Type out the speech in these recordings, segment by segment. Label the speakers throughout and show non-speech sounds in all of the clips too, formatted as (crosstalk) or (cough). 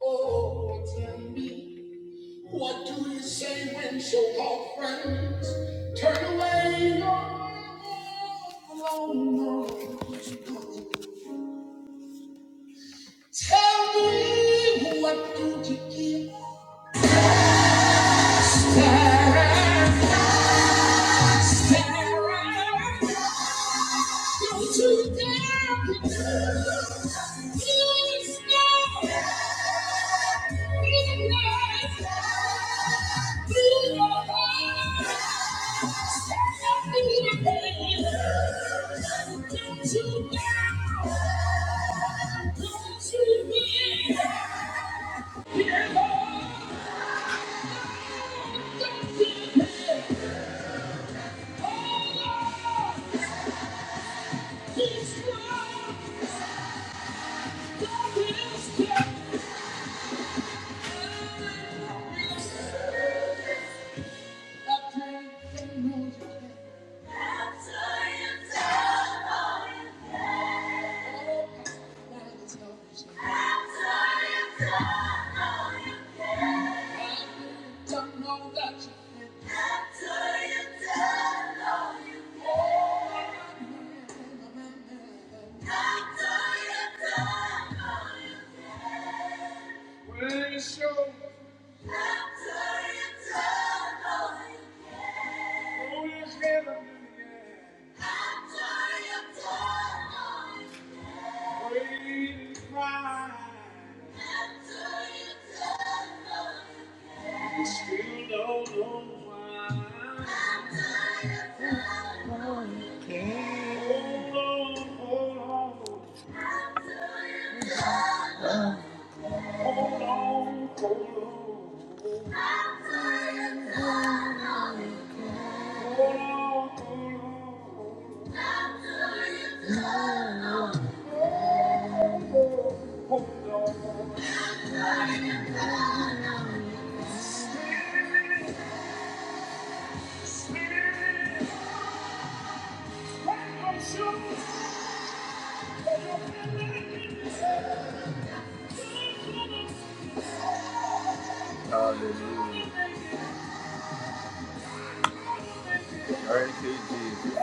Speaker 1: Oh, tell me, what do you say when so-called friends turn away your long Tell me, what do you give? Don't Don't you dare! Don't you dare! dare! Yeah. Doctor, you it after after after After you can do it. After it's done, all you can do it. After it's done, you still don't know why. After it's done, Hold on, hold on. hold hold on, hold on. After it's done, all you Hallelujah. Thank you, Jesus.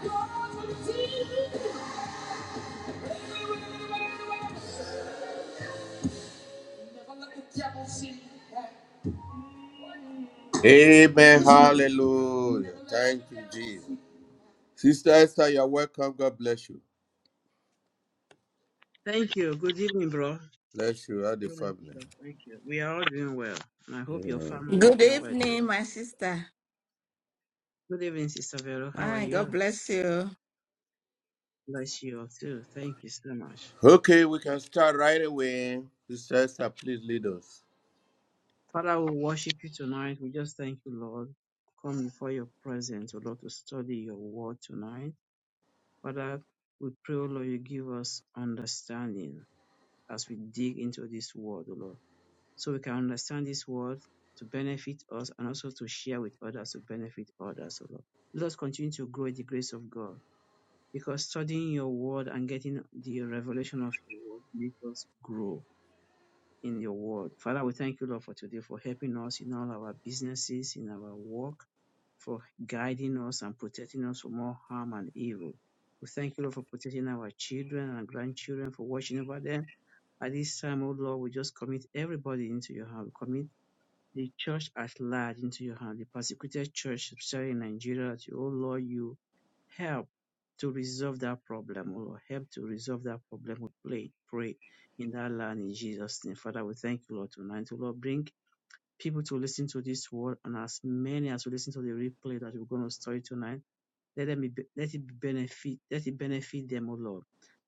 Speaker 1: Don't you give it. Amen. Hallelujah. Thank you, Jesus. Sister Esther, you're welcome. God bless you.
Speaker 2: Thank you. Good evening, bro.
Speaker 1: Bless you and the
Speaker 2: Really,
Speaker 1: family.
Speaker 2: sister, Thank you. We are all doing well, and I hope your family is
Speaker 3: Good
Speaker 2: doing well too.
Speaker 3: evening, my sister.
Speaker 2: Good evening, Sister Vero. How are
Speaker 3: My God
Speaker 2: you?
Speaker 3: bless you.
Speaker 2: Bless you all too. Thank you so much.
Speaker 1: Okay, we can start right away. Sister Esther, please lead us.
Speaker 2: Father, we worship you tonight. We just thank you, Lord. Come before your presence, O Lord, to study your word tonight. Father, we pray, O Lord, you give us understanding as we dig into this word, O Lord. so we can understand this word to benefit us and also to share with others to benefit others, O Lord. Let us continue to grow in the grace of God because studying your word and getting the revelation of your word makes us grow in your word. Father, we thank you, Lord, for today, for helping us in all our businesses, in our work, for guiding us and protecting us from all harm and evil. We thank you, Lord, for protecting our children and grandchildren, for watching over them. At this time, O Lord, we just commit everybody into your hand. We Commit. The Church at large into your hand, the persecuted church, especially in Nigeria, that, oh Lord, you help to resolve that problem, oh Lord, help to resolve that problem. We pray, pray in that land in Jesus' name. Father, we thank you, Lord, tonight. Oh Lord, bring people to listen to this word and as many as will listen to the replay that we're going to study tonight. Let them be, let it benefit, let it benefit them, O Lord.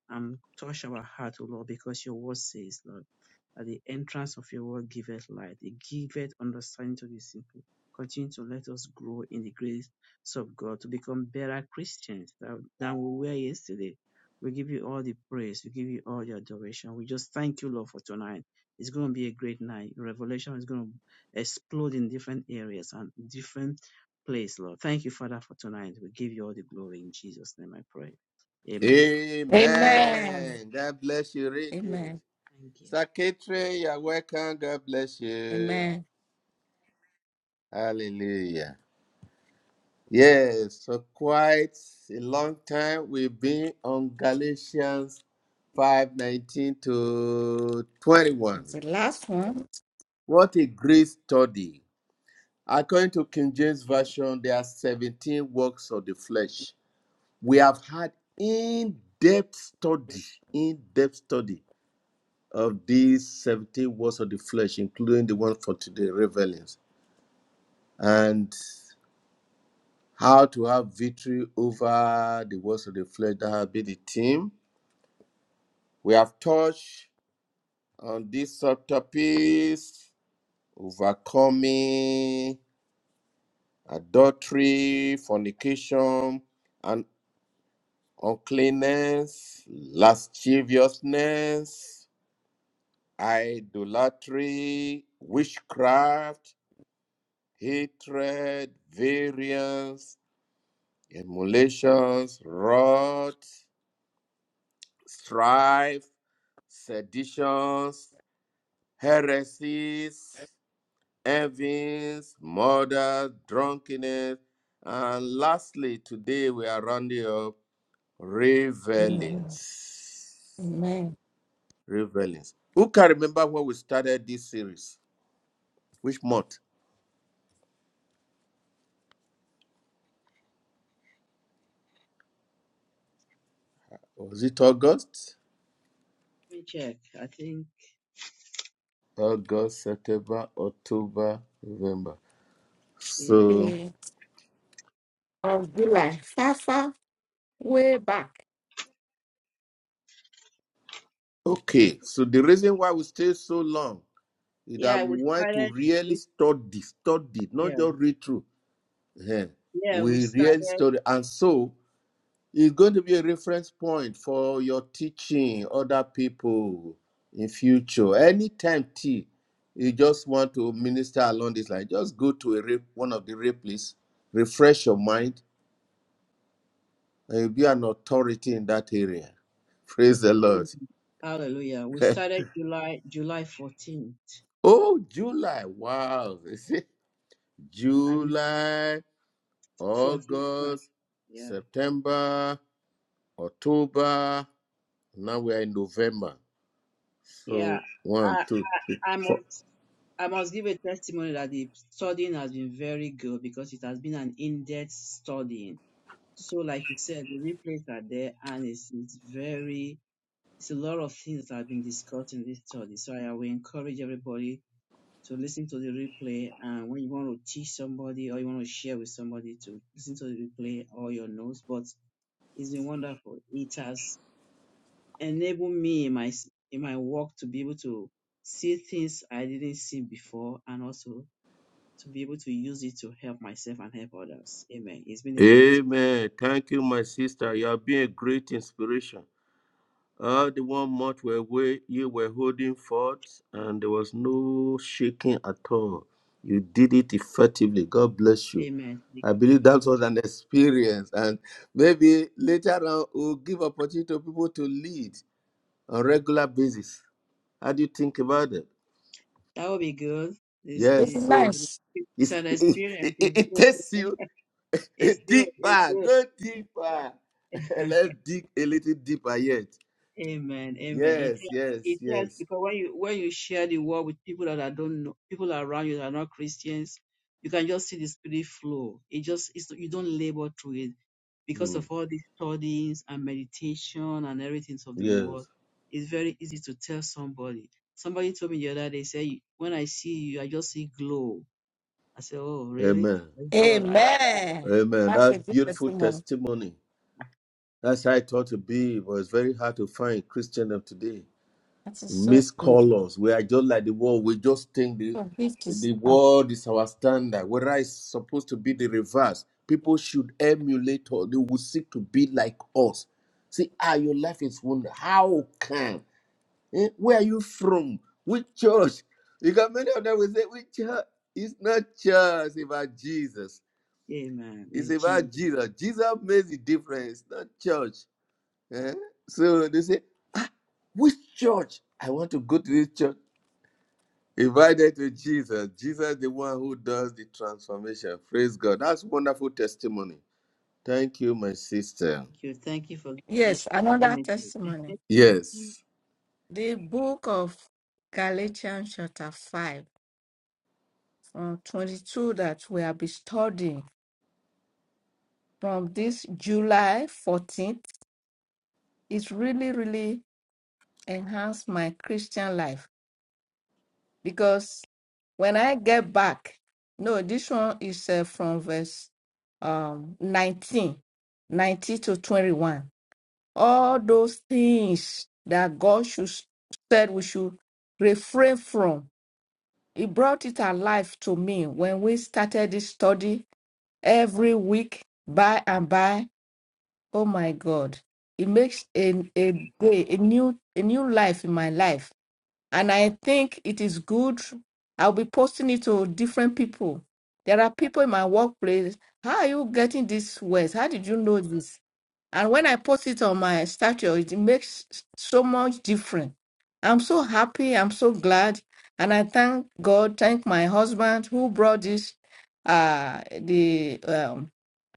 Speaker 2: And touch our heart, O Lord, because your word says, Lord, at the entrance of your word giveth light, it giveth understanding to the simple. Continue to let us grow in the grace of God to become better Christians than, than we were yesterday. We give you all the praise, we give you all the adoration. We just thank you, Lord, for tonight. It's going to be a great night. Revelation is going to explode in different areas and different Please, Lord. Thank you, Father, for tonight. We give you all the glory in Jesus' name. I pray. Amen.
Speaker 3: Amen.
Speaker 1: Amen. God bless you. Real good.
Speaker 3: Amen.
Speaker 2: Thank you.
Speaker 1: Secretary, you're welcome. God bless you.
Speaker 3: Amen.
Speaker 1: Hallelujah. Yes, for quite a long time we've been on Galatians 5:19 to 21.
Speaker 3: It's the last one.
Speaker 1: What a great study. According to King James Version, there are 17 works of the flesh. We have had in-depth study, in-depth study of these 17 works of the flesh, including the one for today, revelings, and how to have victory over the works of the flesh that have been the theme We have touched on this subtopics, overcoming adultery, fornication, and uncleanness, lasciviousness, idolatry, witchcraft, hatred, variance, emulations, wrath, strife, seditions, heresies, envyings, murder, drunkenness, and lastly, today we are rounding up
Speaker 3: Mhm.
Speaker 1: revelings.
Speaker 3: Amen.
Speaker 1: Revelings. Who can remember when we started this series? Which month? Was it August?
Speaker 2: Let me check. I think
Speaker 1: August, September, October, November.
Speaker 2: yeah,
Speaker 1: So,
Speaker 3: The- Of July. Far, far, way back.
Speaker 2: uh,
Speaker 1: okay. So the reason why we stay so long is that
Speaker 2: yeah.
Speaker 1: we
Speaker 2: We
Speaker 1: want to
Speaker 2: started
Speaker 1: really
Speaker 2: with
Speaker 1: study, study, not
Speaker 2: yeah,
Speaker 1: just read through. Ehen.
Speaker 2: yeah. We
Speaker 1: We really
Speaker 2: started.
Speaker 1: study, and so It's going to be a reference point for your teaching other people in future. Anytime T, you just want to minister along this line, just go to a re- one of the replays, refresh your mind, and you'll be an authority in that area. Praise the Lord.
Speaker 2: In, hallelujah. We started July July fourteenth
Speaker 1: (laughs) oh, July. Wow. (laughs) You see?
Speaker 2: and
Speaker 1: July,
Speaker 2: fourteenth. Right?
Speaker 1: August,
Speaker 2: Yeah,
Speaker 1: September, October. Now we are in November.
Speaker 2: yeah.
Speaker 1: So one,
Speaker 2: I
Speaker 1: two, three,
Speaker 2: I
Speaker 1: four.
Speaker 2: must I must give a testimony that the studying has been very good because it has been an in-depth studying. So, like you said, the replays are there, and it's, it's very It's a lot of things that have been discussed in this study. So I will encourage everybody to listen to the replay. And when you want to teach somebody or you want to share with somebody to listen to the replay or your notes. But it's been wonderful. It has enabled me in my s- in my work to be able to see things I didn't see before and also to be able to use it to help myself and help others. Amen. It's been a great
Speaker 1: Amen. Thank you, my sister. You have been a great inspiration. Uh, the one month where we, you were holding forth and there was no shaking at all. You did it effectively. God bless you.
Speaker 2: amen.
Speaker 1: I believe that was an experience. And maybe later on we'll give opportunity to people to lead on regular basis. How do you think about it?
Speaker 2: That will be good. This
Speaker 3: It's
Speaker 2: is
Speaker 1: Yes. So
Speaker 3: nice.
Speaker 1: (laughs)
Speaker 2: it's
Speaker 1: it's,
Speaker 2: an
Speaker 1: it,
Speaker 2: experience.
Speaker 1: it,
Speaker 2: It's
Speaker 1: it
Speaker 2: good.
Speaker 1: takes you
Speaker 2: It's
Speaker 1: (laughs)
Speaker 2: good. It's
Speaker 1: deeper,
Speaker 2: good.
Speaker 1: go deeper. (laughs)
Speaker 2: (laughs)
Speaker 1: Let's dig a little deeper yet.
Speaker 2: Amen. Amen. It
Speaker 1: Yes,
Speaker 2: helps.
Speaker 1: yes,
Speaker 2: It helps
Speaker 1: yes.
Speaker 2: because when you when you share the word with people that I don't know, people around you that are not Christians, you can just see the spirit flow. It just it's, you don't labor through it because
Speaker 1: Hmm.
Speaker 2: of all these studies and meditation and everything of the world.
Speaker 1: Yes.
Speaker 2: It's very easy to tell somebody. Somebody told me the other day, say when I see you, I just see glow. I said, oh really?
Speaker 1: Amen.
Speaker 2: That's God. I-
Speaker 3: Amen.
Speaker 1: Amen.
Speaker 3: That's a
Speaker 1: That
Speaker 3: good
Speaker 1: beautiful
Speaker 3: testimony.
Speaker 1: testimony. That's how it ought to be, but it's very hard to find Christian of today.
Speaker 3: That is so
Speaker 1: Miss
Speaker 3: good.
Speaker 1: colors. We are just like the world. We just think the
Speaker 3: So this is
Speaker 1: the
Speaker 3: uh,
Speaker 1: world is our standard. Whether it's supposed to be the reverse. People should emulate us. They will seek to be like us. See, ah, your life is wonder. How can? Eh, Where are you from? Which church? Because many of them will say, which church? It's not church, it's about Jesus.
Speaker 2: Amen.
Speaker 1: It's
Speaker 2: It's
Speaker 1: about
Speaker 2: Jesus. Thank
Speaker 1: Jesus. Jesus makes the difference, not church. Eh? So they say, which church? I want to go to this church. Invited to Jesus. Jesus, the one who does the transformation. Praise God. That's wonderful testimony. Thank you, my sister.
Speaker 2: you. Thank you for giving me
Speaker 3: yes,
Speaker 2: the
Speaker 3: another
Speaker 2: opportunity.
Speaker 3: testimony.
Speaker 1: Yes.
Speaker 3: The book of Galatians chapter 5 from 22 that we have been studying. from this July 14th, it's really, really enhanced my Christian life because when I get back, no, this one is uh, from verse um, 19, nineteen to 21. All those things that God should, said we should refrain from, He brought it alive to me when we started this study every week, by and by. Oh my God. It makes a, a day, a new a new life in my life. And I think it is good. I'll be posting it to different people. There are people in my workplace. How are you getting this words? How did you know this? And when I post it on my status, it makes so much difference. I'm so happy. I'm so glad. And I thank God, thank my husband who brought this uh the um,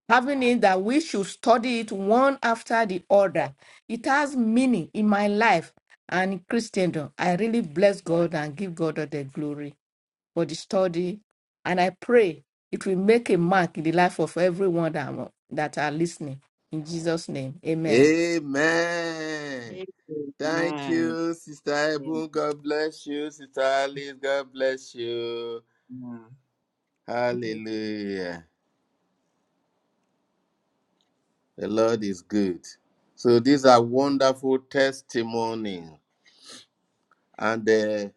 Speaker 3: having it that we should study it one after the other. It has meaning in my life and in Christendom. I really bless God and give God all the glory for the study. And I pray it will make a mark in the life of everyone that, am- that are listening. In Jesus' name, amen.
Speaker 1: Amen. Thank
Speaker 2: Amen.
Speaker 1: you, Sister
Speaker 2: Amen.
Speaker 1: Ebon. God bless you. Sister Alice, God bless you.
Speaker 4: Thank you.
Speaker 1: Hallelujah. The Lord is good. So these are wonderful testimonies. And uh,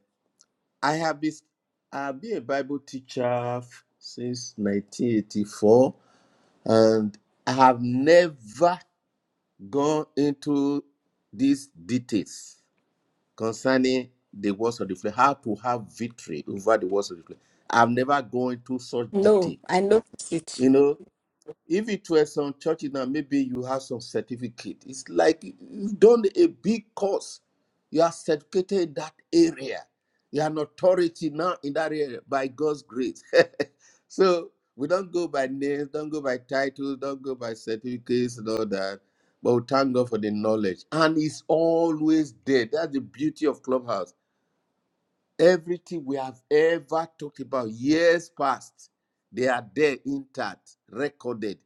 Speaker 1: I have been, I've been a Bible teacher since 1984, and I have never gone into these details. concerning the words of the flesh, how to have victory over the words of the flesh. i am never going into such
Speaker 3: No,
Speaker 1: detail.
Speaker 3: I notice it.
Speaker 1: You know, if it were some churches now, maybe you have some certificate. It's like you've done a big course. You are certificated in that area. You are an authority now in that area by God's grace. (laughs) so we don't go by names, don't go by titles, don't go by certificates and all that. But we thank God for the knowledge. And it's always there. That's the beauty of Clubhouse Everything we have ever talked about years past, they are there intact, recorded.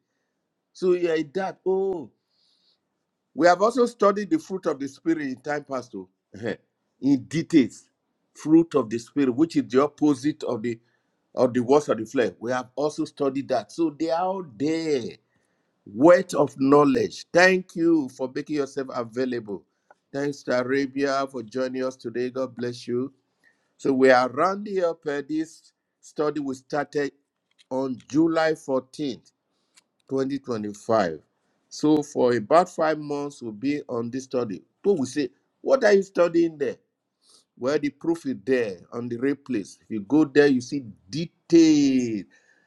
Speaker 1: So yeah, in that, oh, we have also studied the fruit of the spirit in time past, oh, (laughs) in details. Fruit of the spirit, which is the opposite of the of the works of the flesh. We have also studied that. So they are all there. Wealth of knowledge. Thank you for making yourself available. Thanks to Arabia for joining us today. God bless you. So we are rounding up uh, this study we started on July 14th, 2025. So for about five months, we'll be on this study. People will say, What are you studying there? Well, the proof is there on the replays. If you go there, you see detailed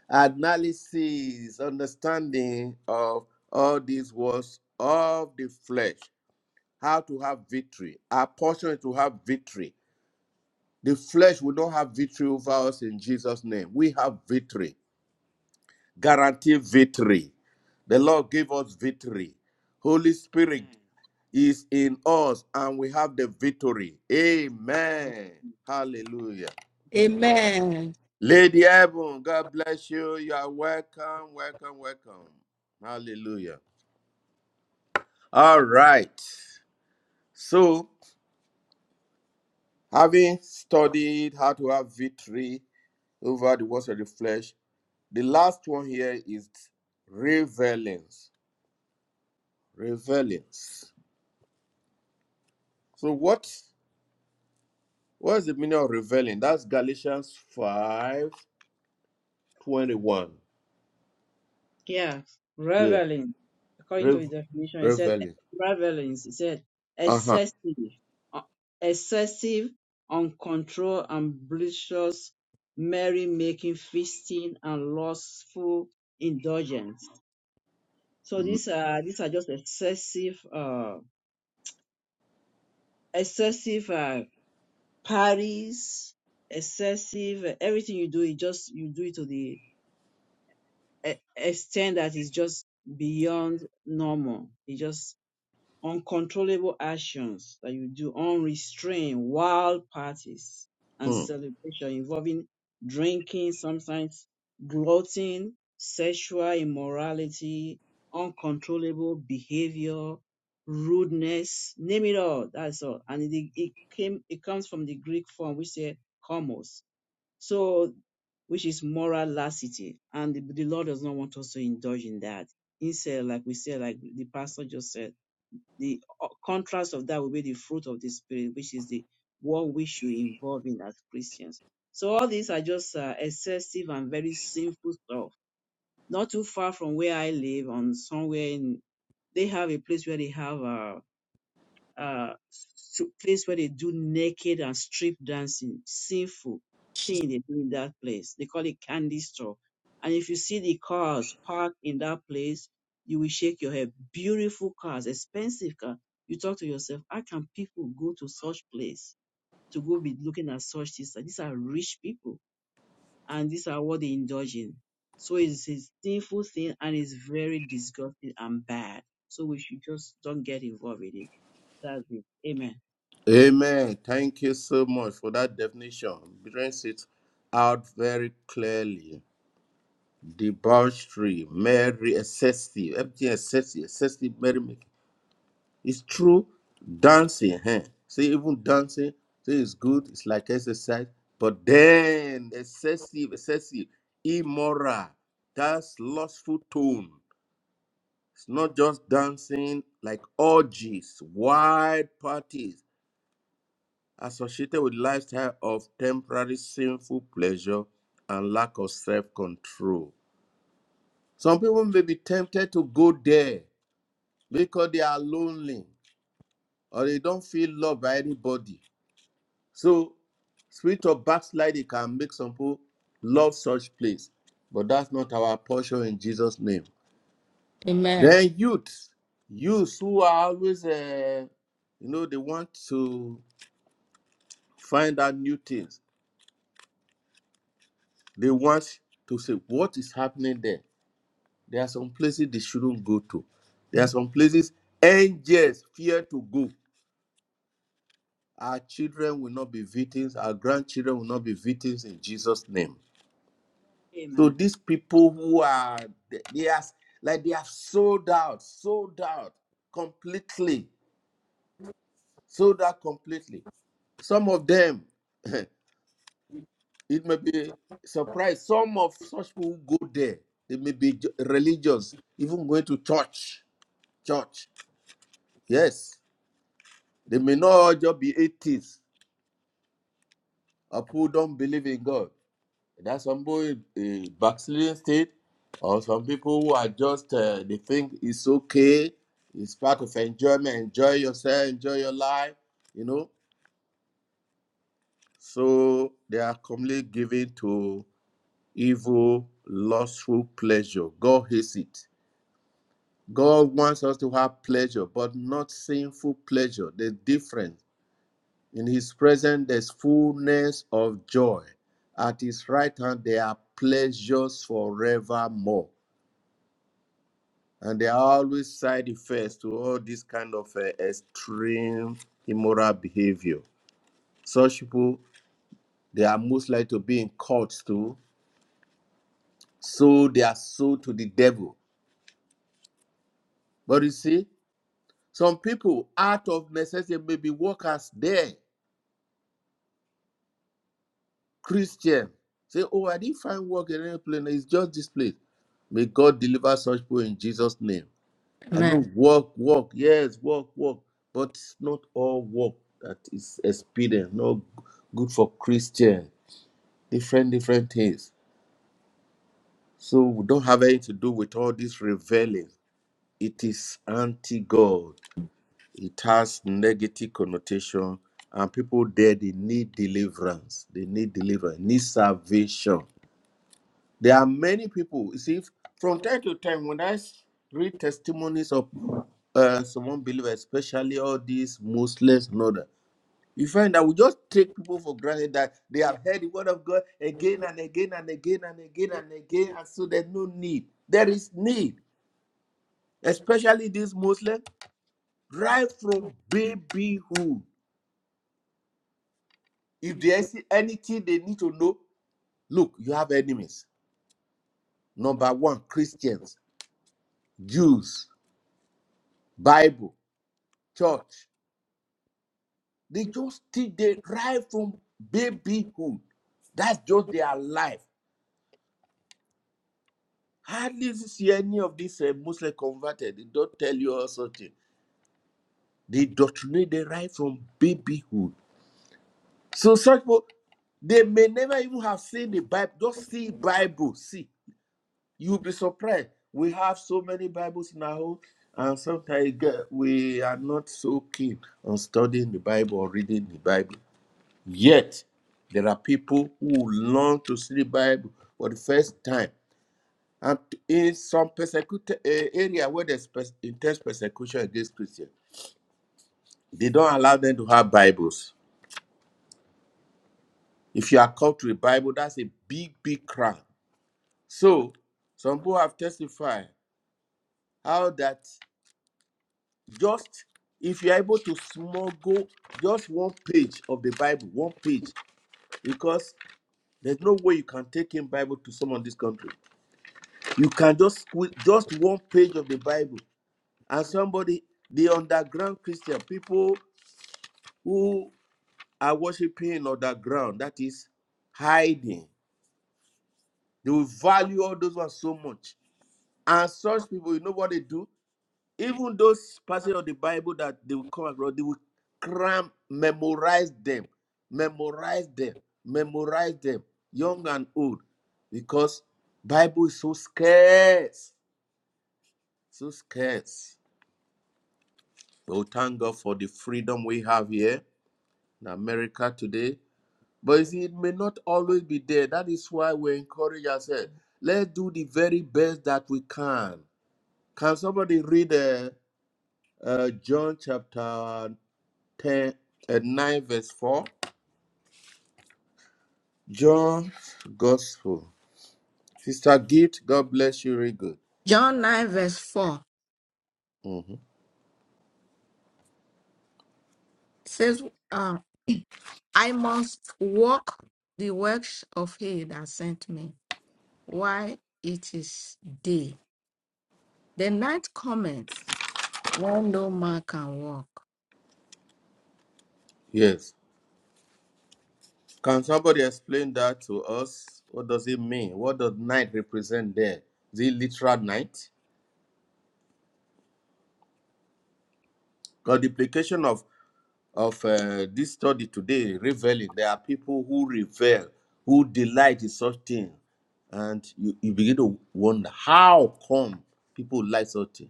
Speaker 1: analysis, understanding of all these words of the flesh, how to have victory, our portion is to have victory the flesh will not have victory over us in Jesus' name. We have victory, guaranteed victory. The Lord gave us victory. Holy
Speaker 2: Amen.
Speaker 1: Spirit is in us and we have the victory. Amen. Hallelujah.
Speaker 3: Amen.
Speaker 1: Lady Evan, God bless you. You are welcome, welcome, welcome. Hallelujah. All right. So, having studied how to have victory over the works of the flesh, The last one here is revelings. Revelings. So what what is the meaning of reveling? That's Galatians five twenty one.
Speaker 2: Yeah,
Speaker 1: 21. Yeah.
Speaker 2: reveling. According to the
Speaker 1: Rev-
Speaker 2: definition, he said
Speaker 1: reveling.
Speaker 2: reveling. He said
Speaker 1: Uh-huh.
Speaker 2: excessive, uh, excessive, uncontrolled, ambitious, merry-making, feasting, and lustful indulgence. So these are these are just excessive, uh, excessive uh, parties, excessive. everything you do, it just you do it to the e- extent that is just beyond normal. It's just uncontrollable actions that you do, unrestrained, wild parties and
Speaker 1: Mhm.
Speaker 2: celebration involving drinking, sometimes gloating, sexual immorality, uncontrollable behavior, rudeness, name it all. That's all. And it, it came, it comes from the Greek form, which say komos. So which is moral laxity. And the, the Lord does not want us to indulge in that. Instead, like we said, like the pastor just said, the uh, contrast of that will be the fruit of the Spirit, which is the one we should involve in as Christians. So all these are just uh, excessive and very sinful stuff. Not too far from where I live, on somewhere in, they have a place where they have uh, uh, to place where they do naked and strip dancing, sinful thing they do in that place. They call it candy store. And if you see the cars parked in that place, you will shake your head. Beautiful cars, expensive car. You talk to yourself, how can people go to such place to go be looking at such things? Like, These are rich people and these are what they indulge in. So it's a sinful thing and it's very disgusting and bad. So we should just don't get involved with it. That's it. Amen.
Speaker 1: Amen. Thank you so much for that definition. Brings it out very clearly. Debauchery, merry, excessive, everything excessive, excessive merrymaking. It's true dancing. Huh? See, even dancing, See, it's good, it's like exercise, but then excessive, excessive, immoral, that's lustful tone. It's not just dancing, like orgies, wide parties associated with lifestyle of temporary sinful pleasure and lack of self-control. Some people may be tempted to go there because they are lonely or they don't feel loved by anybody So spirit of backsliding can make some people love such place, but that's not our portion in Jesus' name.
Speaker 3: Amen.
Speaker 1: Then youths, youths who are always, uh, you know, they want to find out new things. They want to say what is happening there. There are some places they shouldn't go to. There are some places angels fear to go. Our children will not be victims. Our grandchildren will not be victims in Jesus' name. So
Speaker 2: Amen.
Speaker 1: these people who are they they are like they have sold out, sold out completely, sold out completely. Some of them, (laughs) it may be surprised. Some of such people who go there. They may be ju- religious, even going to church. Church, yes. They may not all just be atheists or people who don't believe in God. That some boy is backsliding state, or some people who are just uh, they think it's okay, it's part of enjoyment, enjoy yourself, enjoy your life, you know. So they are commonly given to evil, lustful pleasure. God hates it. God wants us to have pleasure, but not sinful pleasure. The difference in His presence, there's fullness of joy. At His right hand, there are pleasures forevermore. and there are always side effects to all this kind of uh, extreme immoral behavior. Such people, they are most likely to be in cults too, so they are sold to the devil. But you see, some people out of necessity maybe work as there, Christian. Say, oh, I didn't find work in any place. It's just this place. May God deliver such people in Jesus' name. I know
Speaker 3: Amen.
Speaker 1: work, work, yes, work, work, but it's not all work that is expedient, not good for Christian. Different, different things. So we don't have anything to do with all this reveling. It is anti-God. It has negative connotation, and people there they need deliverance. They need deliverance. Need salvation. There are many people. You see, from time to time, when I s- read testimonies of uh, some unbelievers, especially all these Muslims and all that, you find that we just take people for granted that they have heard the word of God again and again and again and again and again, and so there's no need. There is need, especially these Muslims, right from babyhood. If there is anything they need to know, look, you have enemies. Number one, Christians, Jews, Bible, church. They just teach they right from babyhood. That's just their life. Hardly see any of these uh, Muslim converted. They don't tell you all such thing. They doctrinate they right from babyhood. So such people, they may never even have seen the Bible. Just see Bible. See, you'll be surprised. We have so many Bibles in our home, and sometimes uh, we are not so keen on studying the Bible or reading the Bible. Yet, there are people who long to study Bible for the first time. And in some persecuted eh, area where there's pers- intense persecution against Christians, they don't allow them to have Bibles. If you are called to a Bible, that's a big, big crime. So, some people have testified how that just if you're able to smuggle just one page of the Bible, one page, because there's no way you can take in Bible to someone in this country You can just squeeze just one page of the Bible, and somebody, the underground Christian, people who are worshiping in underground, that is hiding, they will value all those ones so much. And such people, you know what they do? Even those passages of the Bible that they will come across, they will cram, memorize them, memorize them, memorize them, young and old, because Bible is so scarce, so scarce. We will thank God for the freedom we have here in America today. But you see, it may not always be there. That is why we encourage ourselves. Let's do the very best that we can. Can somebody read uh, uh, John chapter 10, uh, 9, verse 4? John Gospel. Sister Gift, God bless you, very good.
Speaker 3: John 9, verse 4
Speaker 1: Mhm.
Speaker 3: says, uh, I must work the works of he that sent me while it is day. The night cometh when no man can walk.
Speaker 1: Yes. Can somebody explain that to us? What does it mean? What does night represent there? Is it literal night? Because the implication of of uh, this study today, reveling, there are people who revel, who delight in such things, and you, you begin to wonder how come people like such things.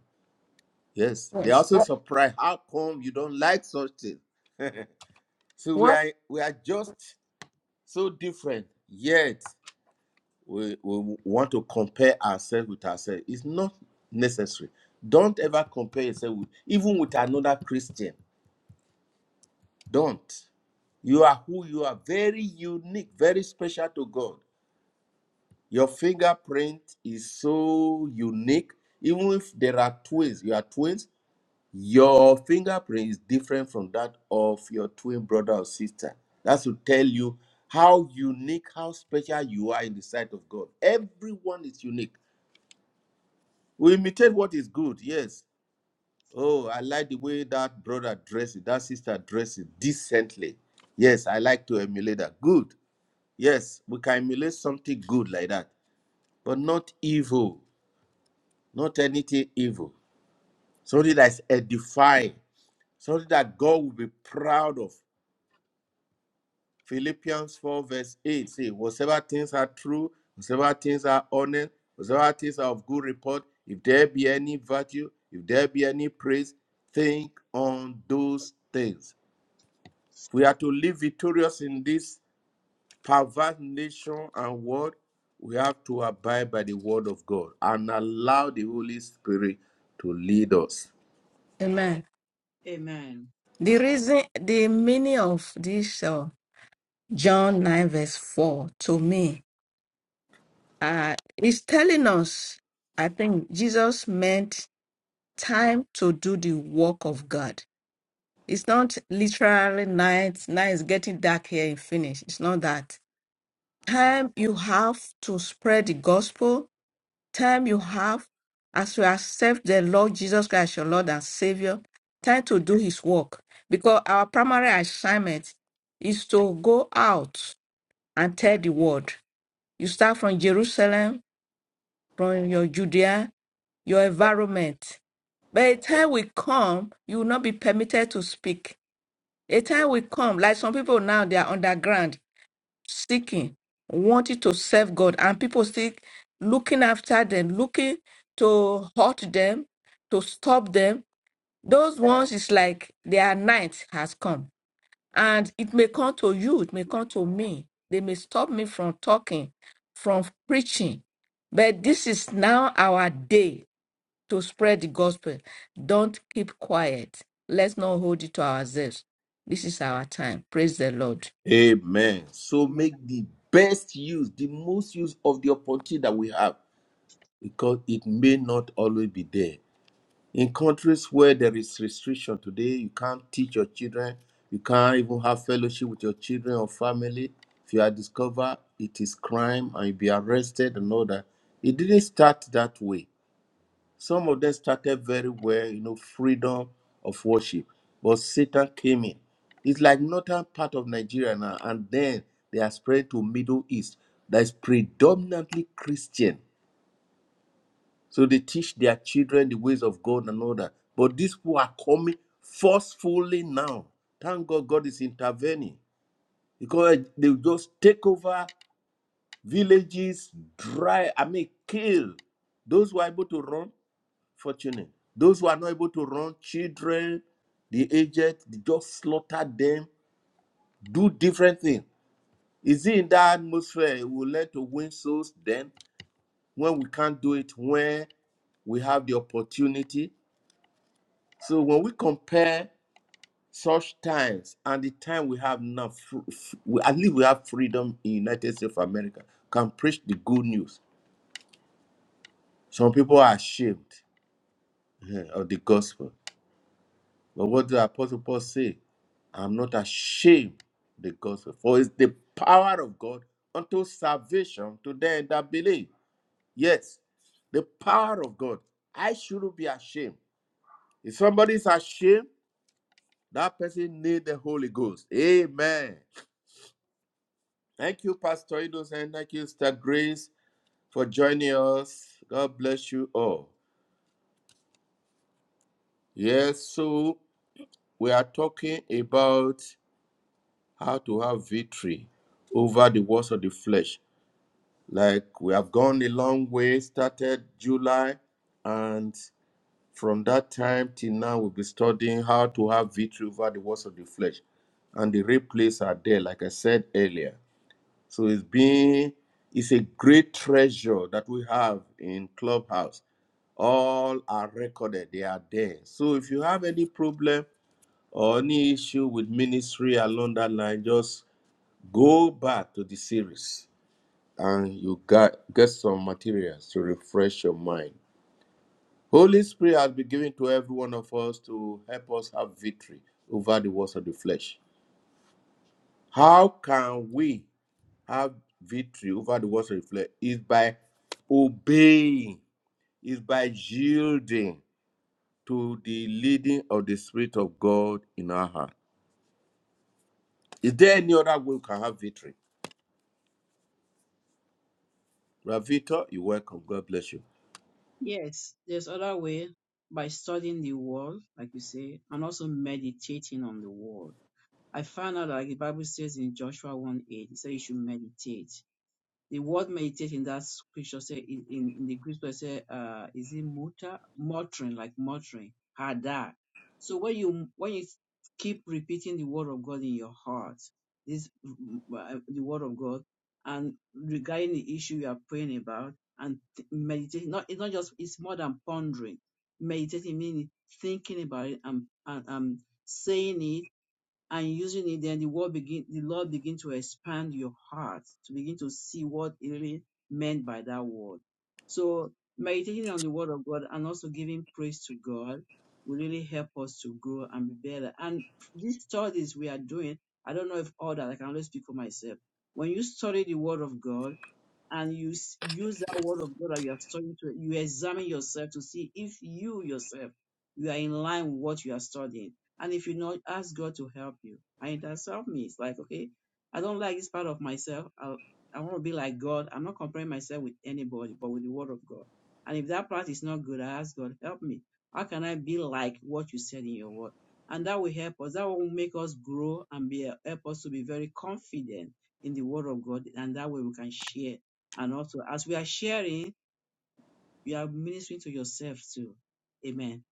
Speaker 1: Yes, they
Speaker 3: Yes.
Speaker 1: also
Speaker 3: What?
Speaker 1: surprised how come you don't like such things. So we
Speaker 3: what?
Speaker 1: are we are just so different, yet we, we want to compare ourselves with ourselves. It's not necessary. Don't ever compare yourself with even with another Christian Don't. You are who you are, very unique, very special to God. Your fingerprint is so unique. Even if there are twins, you are twins, your fingerprint is different from that of your twin brother or sister. That's to tell you how unique, how special you are in the sight of God. Everyone is unique. We imitate what is good, yes. Oh, I like the way that brother dresses, that sister dresses decently. Yes, I like to emulate that. Good. Yes, we can emulate something good like that, but not evil, not anything evil. Something that's edifying, something that God will be proud of. Philippians 4, verse 8 say, Whatever things are true, whatever things are honest, whatever things are of good report, if there be any virtue, if there be any praise, think on those things. We are to live victorious in this perverse nation and world, we have to abide by the word of God and allow the Holy Spirit to lead us.
Speaker 3: Amen.
Speaker 2: Amen.
Speaker 3: The reason, the meaning of this uh, John 9, verse 4 to me uh, is telling us, I think Jesus meant time to do the work of God. It's not literally night. Night is getting dark here in Finnish. It's not that time you have to spread the gospel, time you have as you accept the Lord Jesus Christ, your Lord and Savior, time to do His work. Because our primary assignment is to go out and tell the world. You start from Jerusalem, from your Judea, your environment. By the time we come, you will not be permitted to speak. A time will come, like some people now, they are underground seeking, wanting to serve God, and people still looking after them, looking to hurt them, to stop them. Those ones is like their night has come. And it may come to you, it may come to me. They may stop me from talking, from preaching. But this is now our day to spread the gospel. Don't keep quiet. Let's not hold it to ourselves. This is our time. Praise the Lord.
Speaker 1: Amen. So
Speaker 2: Amen.
Speaker 1: make the best use, the most use of the opportunity that we have, because it may not always be there. In countries where there is restriction today, you can't teach your children, you can't even have fellowship with your children or family. If you are discovered, it is crime and you'll be arrested and all that. It didn't start that way Some of them started very well, you know, freedom of worship. But Satan came in. It's like northern part of Nigeria now, and then they are spread to Middle East that is predominantly Christian. So they teach their children the ways of God and all that. But these people are coming forcefully now. Thank God God is intervening because they will just take over villages, dry, I mean, kill those who are able to run fortunate. Those who are not able to run, children, the aged, they just slaughter them, do different things. Is it in that atmosphere we will learn to win souls then when we can't do it, when we have the opportunity? So when we compare such times and the time we have now, we, at least we have freedom in the United States of America, can preach the good news. Some people are ashamed eh, of the gospel But what did Apostle Paul say? I'm not ashamed of the gospel, for it's the power of God unto salvation to them that believe. Yes, the power of God. I shouldn't be ashamed. If somebody is ashamed, that person need the Holy Ghost. Amen. Thank you, Pastor Idos, and thank you, Sister Grace, for joining us. God bless you all. Yes, so we are talking about how to have victory over the works of the flesh. Like we have gone a long way, started July, and from that time till now, we'll be studying how to have victory over the works of the flesh. And the replays are there, like I said earlier. So it's been it's a great treasure that we have in Clubhouse. All are recorded, they are there. So if you have any problem or any issue with ministry along that line, just go back to the series and you got get some materials to refresh your mind. Holy Spirit has been given to every one of us to help us have victory over the works of the flesh. How can we have victory over the works of the flesh? Is by obeying, is by yielding to the leading of the Spirit of God in our heart. Is there any other way we can have victory? Ravito, you're welcome. God bless you.
Speaker 2: Yes, there's other way by studying the word, like you say, and also meditating on the word. I found out like the Bible says in Joshua 1 8, it says you should meditate. The word meditate in that scripture say in, in, in the Greek word say uh is it mutter muttering like muttering hada. So when you when you keep repeating the word of God in your heart, this mm, uh, the word of God, and regarding the issue you are praying about and th- meditating, not it's not just it's more than pondering. Meditating meaning thinking about it and and, and saying it and using it, then the word begin, the Lord begin to expand your heart to begin to see what it really meant by that word. So meditating on the word of God and also giving praise to God will really help us to grow and be better. And these studies we are doing, I don't know if all that I can only speak for myself. When you study the word of God and you s- use that word of God that you are studying to, you examine yourself to see if you yourself you are in line with what you are studying and if you know, ask God to help you. And it has helped me. It's like, okay, I don't like this part of myself. I, I want to be like God. I'm not comparing myself with anybody, but with the word of God. And if that part is not good, I ask God, help me. How can I be like what you said in your word? And that will help us. That will make us grow and be help us to be very confident in the word of God. And that way we can share. And also, as we are sharing, you are ministering to yourself too. Amen.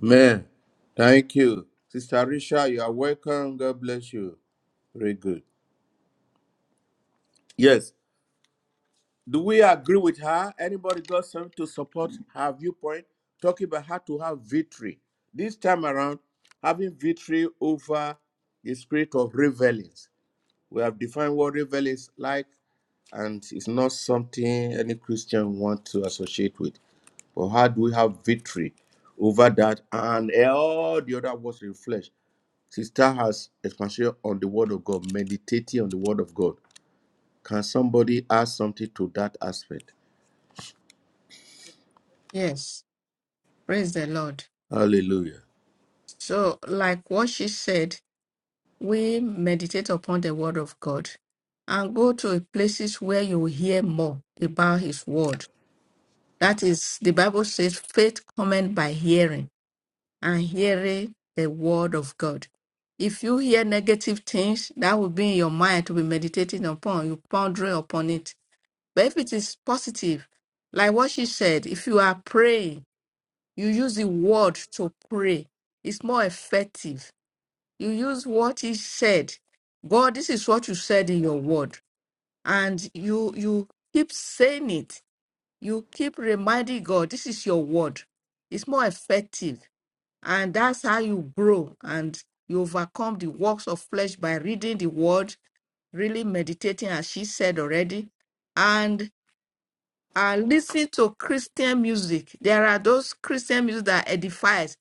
Speaker 1: Amen. Thank you. Sister Risha, you are welcome. God bless you. Very good. Yes. Do we agree with her? Anybody got something to support her viewpoint? Talking about how to have victory. This time around, having victory over the spirit of revelings. We have defined what revel is like, and it's not something any Christian want to associate with. But how do we have victory over that and all the other works in flesh? Sister has expansion on the word of God, meditating on the word of God. Can somebody add something to that aspect?
Speaker 3: Yes. Praise the Lord.
Speaker 1: Hallelujah.
Speaker 3: So, like what she said, we meditate upon the word of God and go to places where you will hear more about his word. That is, the Bible says, faith cometh by hearing, and hearing the word of God. If you hear negative things, that will be in your mind to be meditating upon, you pondering upon it. But if it is positive, like what she said, if you are praying, you use the word to pray. It's more effective you use what he said. God, this is what you said in your word. And you you keep saying it. You keep reminding God, this is your word. It's more effective. And that's how you grow and you overcome the works of flesh by reading the word, really meditating, as she said already, and uh, listening to Christian music. There are those Christian music that edifies.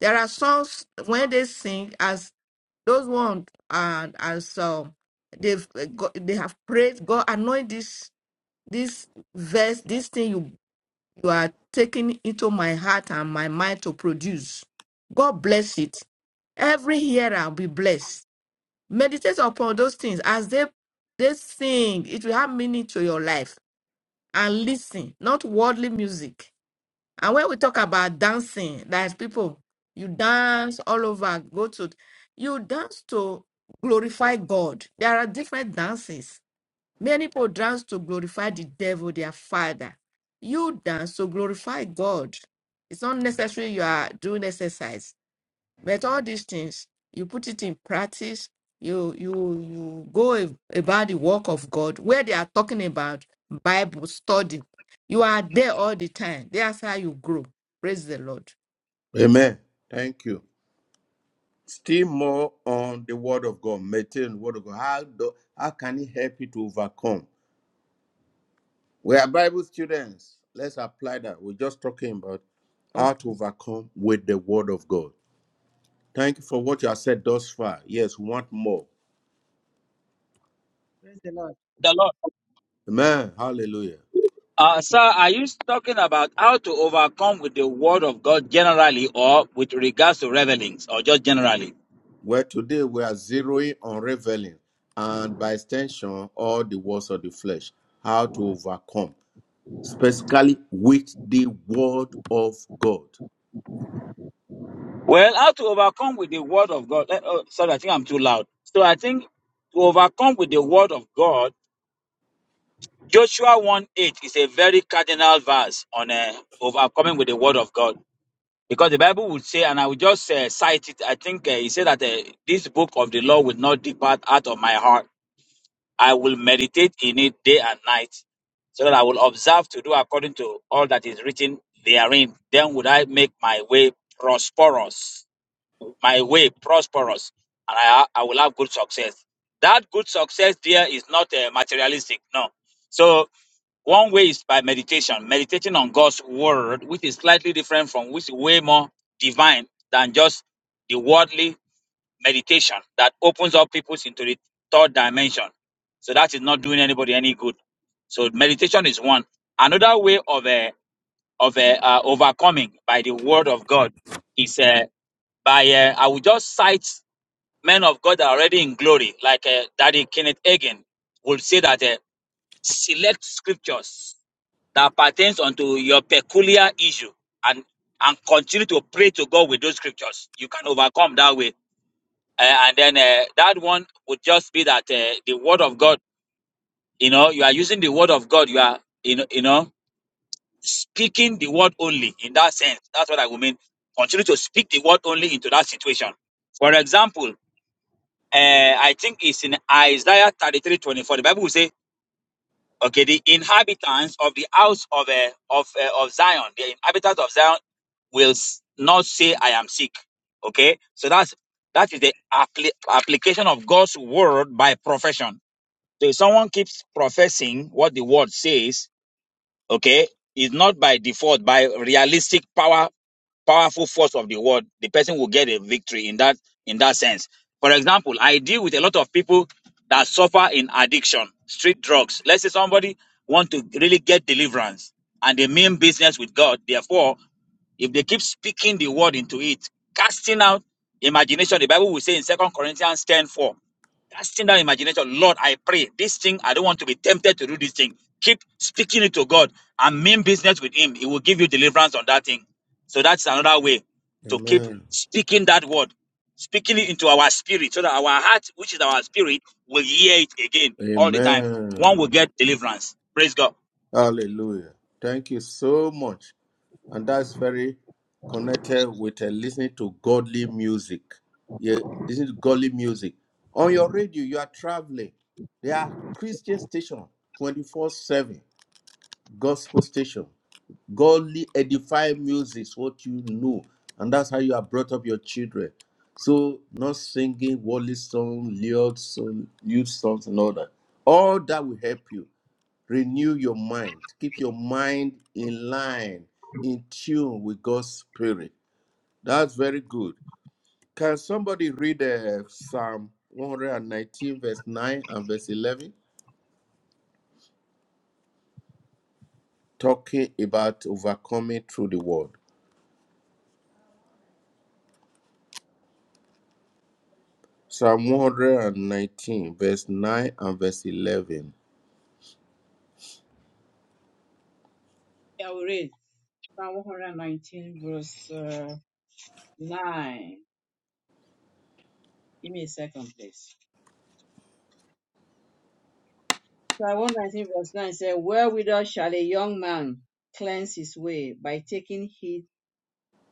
Speaker 3: There are songs when they sing as those ones and and so they've uh, got, they have prayed God anoint this this verse this thing you you are taking into my heart and my mind to produce. God bless it. Every hearer will be blessed. Meditate upon those things as they they sing. It will have meaning to your life and listen, not worldly music. And when we talk about dancing, there's people, you dance all over, go to, you dance to glorify God. There are different dances. Many people dance to glorify the devil, their father. You dance to glorify God. It's not necessary you are doing exercise. But all these things, you put it in practice, you you you go a- about the work of God where they are talking about Bible study. You are there all the time. That's how you grow. Praise the Lord.
Speaker 1: Amen. Thank you. Still more on the word of God, meditating on the word of God. How, do, how can it help you to overcome? We are Bible students. Let's apply that. We're just talking about how
Speaker 3: Okay.
Speaker 1: to overcome with the word of God. Thank you for what you have said thus far. Yes, we want more.
Speaker 4: Praise the Lord.
Speaker 5: the Lord.
Speaker 1: Amen. Hallelujah.
Speaker 5: Uh,
Speaker 4: Yeah.
Speaker 5: sir, are you talking about how to overcome with the word of God generally or with regards to revelings or just generally?
Speaker 1: Well, today we are zeroing on reveling and by extension all the works of the flesh, how to overcome, specifically with the word of God.
Speaker 5: Well, how to overcome with the word of God. eh, oh, sorry, I think I'm too loud. So I think to overcome with the word of God, Joshua 1 8 is a very cardinal verse on uh, overcoming with the word of God. Because the Bible would say, and I will just uh, cite it, I think uh, he said that uh, this book of the law will not depart out of my heart I will meditate in it day and night, so that I will observe to do according to all that is written therein. Then would I make my way prosperous, my way prosperous, and I, I will have good success. That good success there is not uh, materialistic, no. So one way is by meditation, meditating on God's word, which is slightly different from which is way more divine than just the worldly meditation that opens up people into the third dimension. So that is not doing anybody any good. So meditation is one. Another way of uh, of uh, uh, overcoming by the word of God is uh, by uh, I will just cite men of God that are already in glory, like uh, Daddy Kenneth Hagin would say that uh, select scriptures that pertains unto your peculiar issue and and continue to pray to God with those scriptures. You can overcome that way. Uh, and then uh, that one would just be that uh, the word of God, you know, you are using the word of God, you are, you know, you know, speaking the word only in that sense. That's what I would mean. Continue to speak the word only into that situation. For example, uh, I think it's in Isaiah 33 24. The Bible will say, Okay, the inhabitants of the house of uh, of uh, of Zion, the inhabitants of Zion will s- not say, "I am sick." Okay, so that's that is the appli- application of God's word by profession. So if someone keeps professing what the word says, Okay? is not by default, by realistic power, powerful force of the word, the person will get a victory in that in that sense. For example, I deal with a lot of people that suffer in addiction, street drugs. Let's say somebody want to really get deliverance and they mean business with God. Therefore, if they keep speaking the word into it, casting out imagination, the Bible will say in Second Corinthians ten four casting down imagination. Lord, I pray this thing, I don't want to be tempted to do this thing. Keep speaking it to God and mean business with Him. He will give you deliverance on that thing. So that's another way to keep
Speaker 1: Amen.
Speaker 5: speaking that word, speaking it into our spirit so that our heart, which is our spirit, will hear it again all the time.
Speaker 1: Amen.
Speaker 5: One will get deliverance. Praise God.
Speaker 1: Hallelujah. Thank you so much. And that's very connected with uh, listening to godly music. Yeah, listen to godly music. On your radio, you are traveling. There are Christian stations 24 7. gospel station. Godly edifying music is what you know, and that's how you have brought up your children. So not singing worldly songs, lyrics, song, youth songs, and all that. All that will help you renew your mind. Keep your mind in line, in tune with God's spirit. That's very good. Can somebody read uh, Psalm 119, verse 9 and verse 11, talking about overcoming through the word? Psalm 119, verse 9 and verse 11.
Speaker 2: I will read Psalm 119, verse. uh, 9. Give me a second, please. Psalm 119, verse 9 says, Wherewithal shall a young man cleanse his way? By taking heed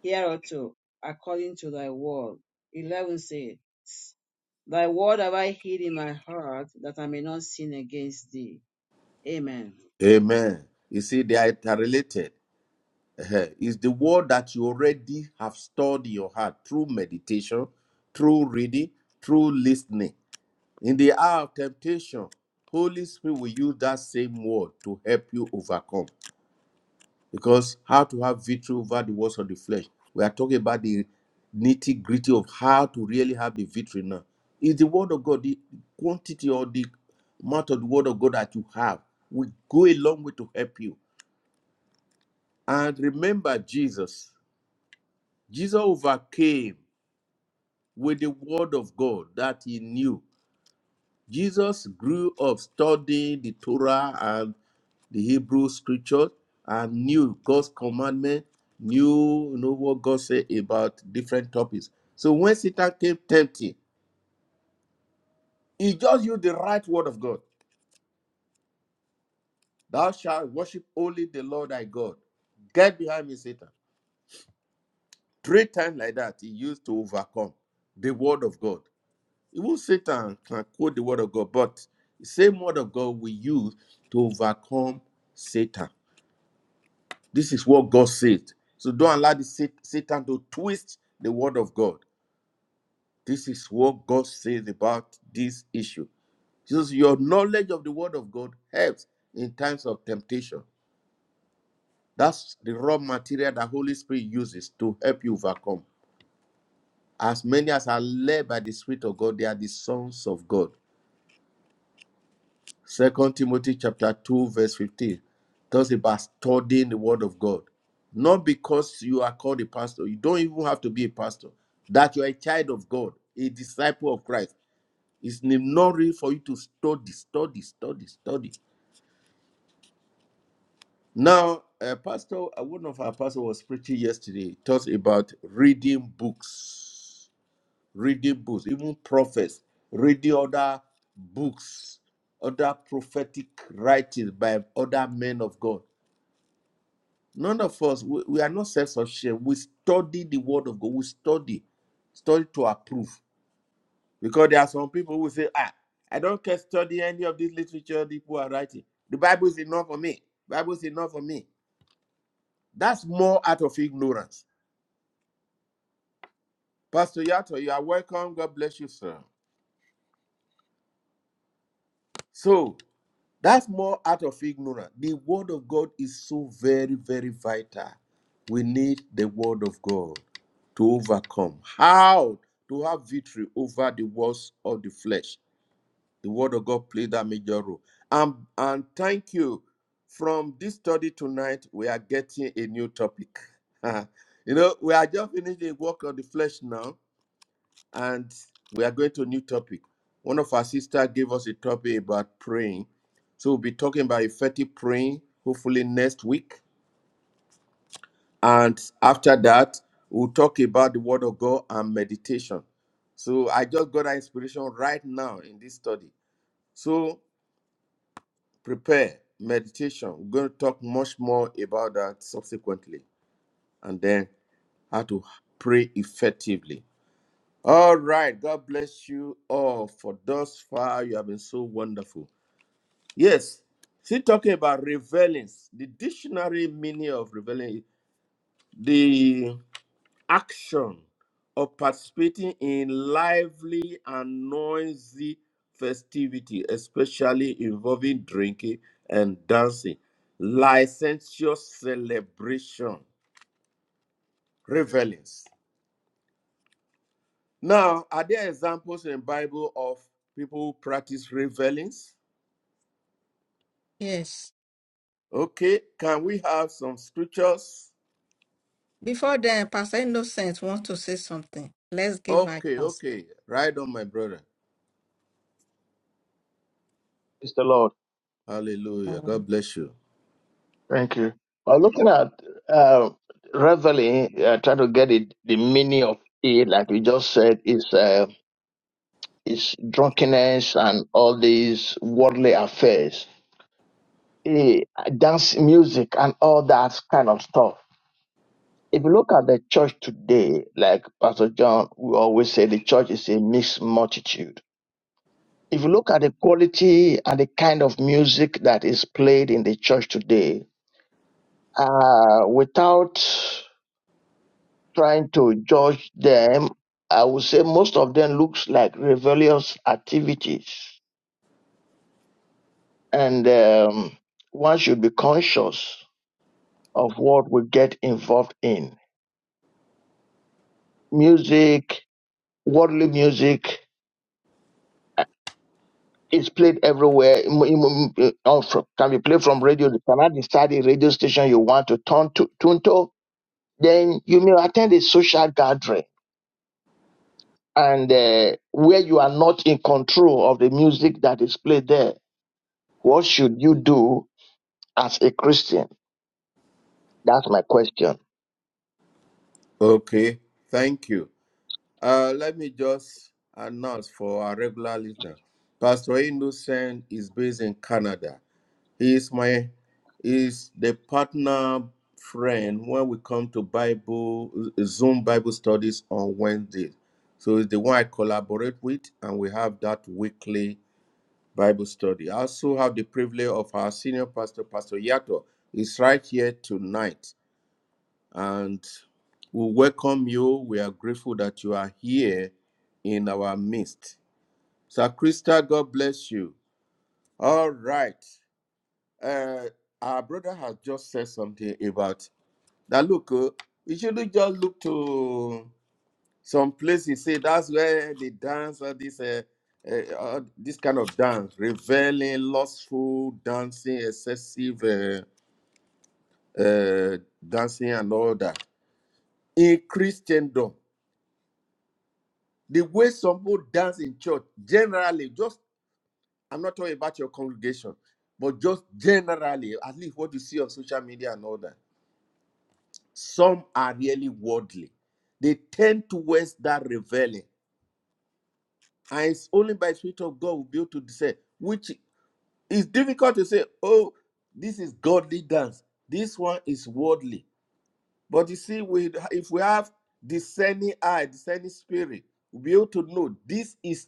Speaker 2: hereunto, according to thy word. 11 says, Thy word have I hid in my heart, that I may not sin against thee. Amen.
Speaker 1: Amen. You see, they are interrelated. Eh-heh. It's the word that you already have stored in your heart through meditation, through reading, through listening. In the hour of temptation, Holy Spirit will use that same word to help you overcome. because how to have victory over the works of the flesh. We are talking about the nitty gritty of how to really have the victory now. Is the word of God the quantity or the amount of the word of God that you have will go a long way to help you. And remember Jesus. Jesus overcame with the word of God that he knew Jesus grew up studying the Torah and the Hebrew scriptures and knew God's commandment, knew you know what God said about different topics. So when Satan came tempting, he just used the right word of God. Thou shalt worship only the Lord thy God. Get behind me, Satan. Three times like that, he used to overcome the word of God. Even Satan can quote the word of God, but the same word of God we use to overcome Satan. This is what God said. So don't allow the Satan to twist the word of God. This is what God says about this issue. Jesus, your knowledge of the word of God helps in times of temptation. That's the raw material that Holy Spirit uses to help you overcome. As many as are led by the Spirit of God, they are the sons of God. Second Timothy chapter 2, verse 15 talks about studying the word of God. Not because you are called a pastor, you don't even have to be a pastor. That you are a child of God, a disciple of Christ. It's necessary for you to study, study, study, study. Now, a pastor, uh, one of our pastors was preaching yesterday, He talks about reading books. reading books, even prophets, reading other books, other prophetic writings by other men of God. None of us, we, we are not self sufficient. We study the word of God, we study, study to approve. Because there are some people who say, ah, I don't care study any of this literature people are writing. The Bible is enough for me. Bible is enough for me. That's more out of ignorance. Pastor Yato, you are welcome. God bless you, sir. So That's more out of ignorance. The word of God is so very, very vital. We need the word of God to overcome. How to have victory over the works of the flesh. The word of God played that major role. Um, and thank you. From this study tonight, we are getting a new topic. (laughs) you know, we are just finishing the work of the flesh now and we are going to a new topic. One of our sister gave us a topic about praying. So we'll be talking about effective praying, hopefully next week. And after that, we'll talk about the word of God and meditation. So I just got that inspiration right now in this study. So prepare meditation. We're going to talk much more about that subsequently and then how to pray effectively. All right. God bless you all for thus far. You have been so wonderful. Yes. Still talking about revelings. The dictionary meaning of reveling is the action of participating in lively and noisy festivity, especially involving drinking and dancing, licentious celebration, revelings. Now, are there examples in the Bible of people who practice revelings?
Speaker 3: Yes.
Speaker 1: Okay, can we have some scriptures?
Speaker 3: Before then, Pastor Innocent wants to say something. Let's give her
Speaker 1: Okay,
Speaker 3: chance.
Speaker 1: okay. Right on, my brother.
Speaker 6: Praise the Lord.
Speaker 1: Hallelujah.
Speaker 3: Um,
Speaker 1: God bless you.
Speaker 6: Thank you. Well, looking at uh, reveling, uh, trying to get it, the meaning of it, like we just said, is uh, is drunkenness and all these worldly affairs, eh, dance music and all that kind of stuff. If you look at the church today, like Pastor John, we always say the church is a mixed multitude. If you look at the quality and the kind of music that is played in the church today, uh, without trying to judge them, I would say most of them looks like rebellious activities, and um, one should be conscious of what we get involved in. Music, worldly music, is played everywhere. M- m- m- on fr- Can be played from radio. You cannot decide the radio station you want to turn to. Tune to. Then you may attend a social gathering, and uh, where you are not in control of the music that is played there What should you do as a Christian? That's my question.
Speaker 1: Okay, thank you. Uh, let me just announce for our regular listener. Pastor Innocent is based in Canada. He is my is the partner friend when we come to Bible Zoom Bible studies on Wednesday. So he's the one I collaborate with, and we have that weekly Bible study. I also have the privilege of our senior pastor, Pastor Yato, is right here tonight. And we welcome you. We are grateful that you are here in our midst. Sir Krista, God bless you. All right. Uh, our brother has just said something about that. Look, uh, we shouldn't just look to Some places say that's where they dance all this uh, uh, uh, this kind of dance, reveling, lustful dancing, excessive uh, uh, dancing, and all that. In Christendom, the way some people dance in church, generally, just I'm not talking about your congregation, but just generally, at least what you see on social media and all that, some are really worldly. They tend towards that reveling. And it's only by the Spirit of God will be able to discern which It's difficult to say, oh, this is godly dance. This one is worldly. But you see, we if we have discerning eye, discerning spirit, we'll be able to know this is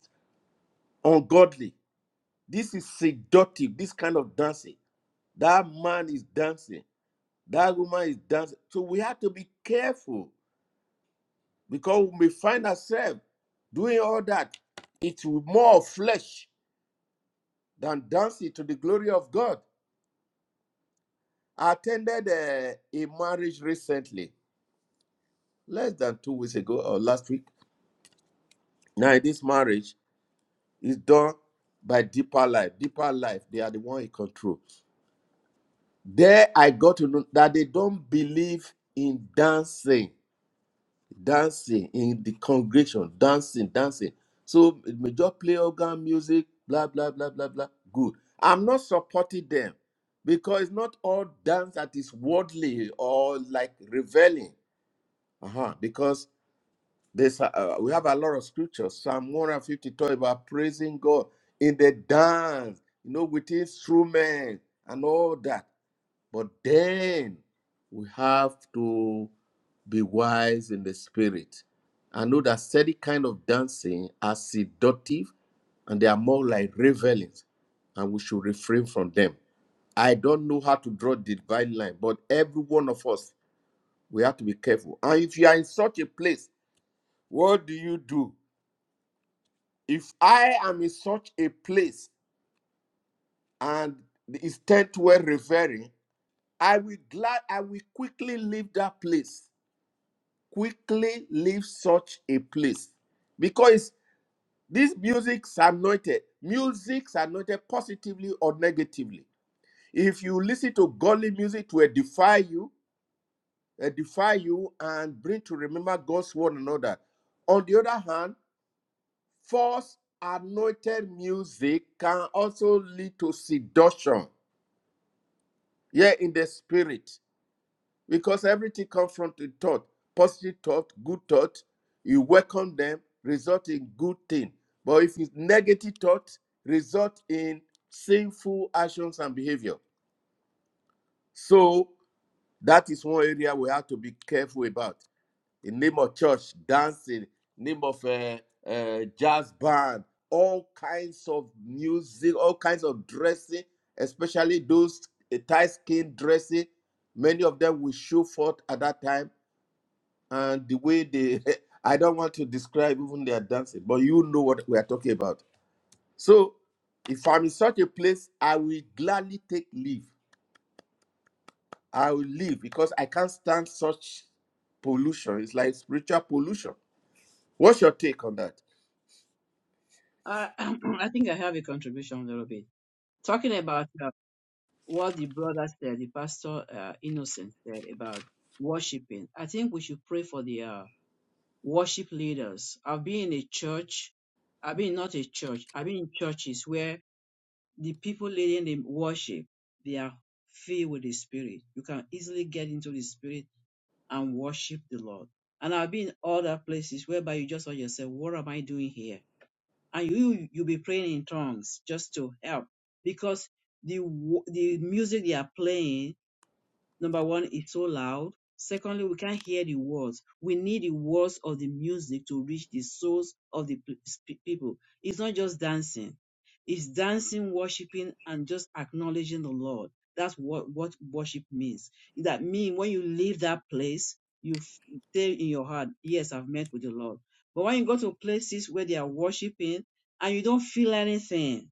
Speaker 1: ungodly. This is seductive, this kind of dancing. That man is dancing. That woman is dancing. So we have to be careful because we may find ourselves doing all that. It's more of flesh than dancing to the glory of God. I attended a, a marriage recently less than two weeks ago or last week. Now in this marriage is done by deeper life. Deeper life, they are the one in control. There I got to know that they don't believe in dancing, dancing in the congregation, dancing, dancing. So we just play organ music, blah blah blah blah blah. Good. I'm not supporting them because it's not all dance that is worldly or like reveling. Uh-huh. Because This uh, uh, we have a lot of scriptures. Psalm 150 talk about praising God in the dance, you know, with instruments and all that. But then we have to be wise in the spirit. I know that steady kind of dancing are seductive and they are more like revelings, and we should refrain from them. I don't know how to draw the divine line, but every one of us, we have to be careful. And if you are in such a place, what do you do? if I am in such a place and it's tent were revering, I will glad I will quickly leave that place. Quickly leave such a place. Because these music's anointed. Music's anointed positively or negatively. If you listen to godly music to edify you, edify you and bring to remember God's word and another. On the other hand, False anointed music can also lead to seduction, yeah, in the spirit, because everything comes from the thought, positive thought, good thought. You welcome them, result in good thing. But if it's negative thought, result in sinful actions and behavior. So that is one area we have to be careful about. in name of church dancing, name of a uh, uh, jazz band, all kinds of music, all kinds of dressing, especially those uh, tight skin dressing. Many of them will show forth at that time, and the way they, (laughs) I don't want to describe even their dancing, but you know what we are talking about. So, if I'm in such a place, I will gladly take leave. I will leave because I can't stand such pollution. It's like spiritual pollution. What's your take on that?
Speaker 2: I, (clears throat) I think I have a contribution a little bit. Talking about uh, what the brother said, the pastor uh, Innocent said about worshiping. I think we should pray for the uh, worship leaders. I've been in a church, I've been not a church, I've been in churches where the people leading the worship, they are filled with the spirit. You can easily get into the spirit and worship the Lord. And I've been in other places whereby you just ask yourself, what am I doing here? And you you'll be praying in tongues just to help because the wo- the music they are playing Number one, it's so loud. Secondly, we can't hear the words. We need the words of the music to reach the souls of the pe- pe- people. It's not just dancing. It's dancing, worshiping, and just acknowledging the Lord. That's what, what worship means. That means when you leave that place, you f- say in your heart, yes, I've met with the Lord. But when you go to places where they are worshiping and you don't feel anything,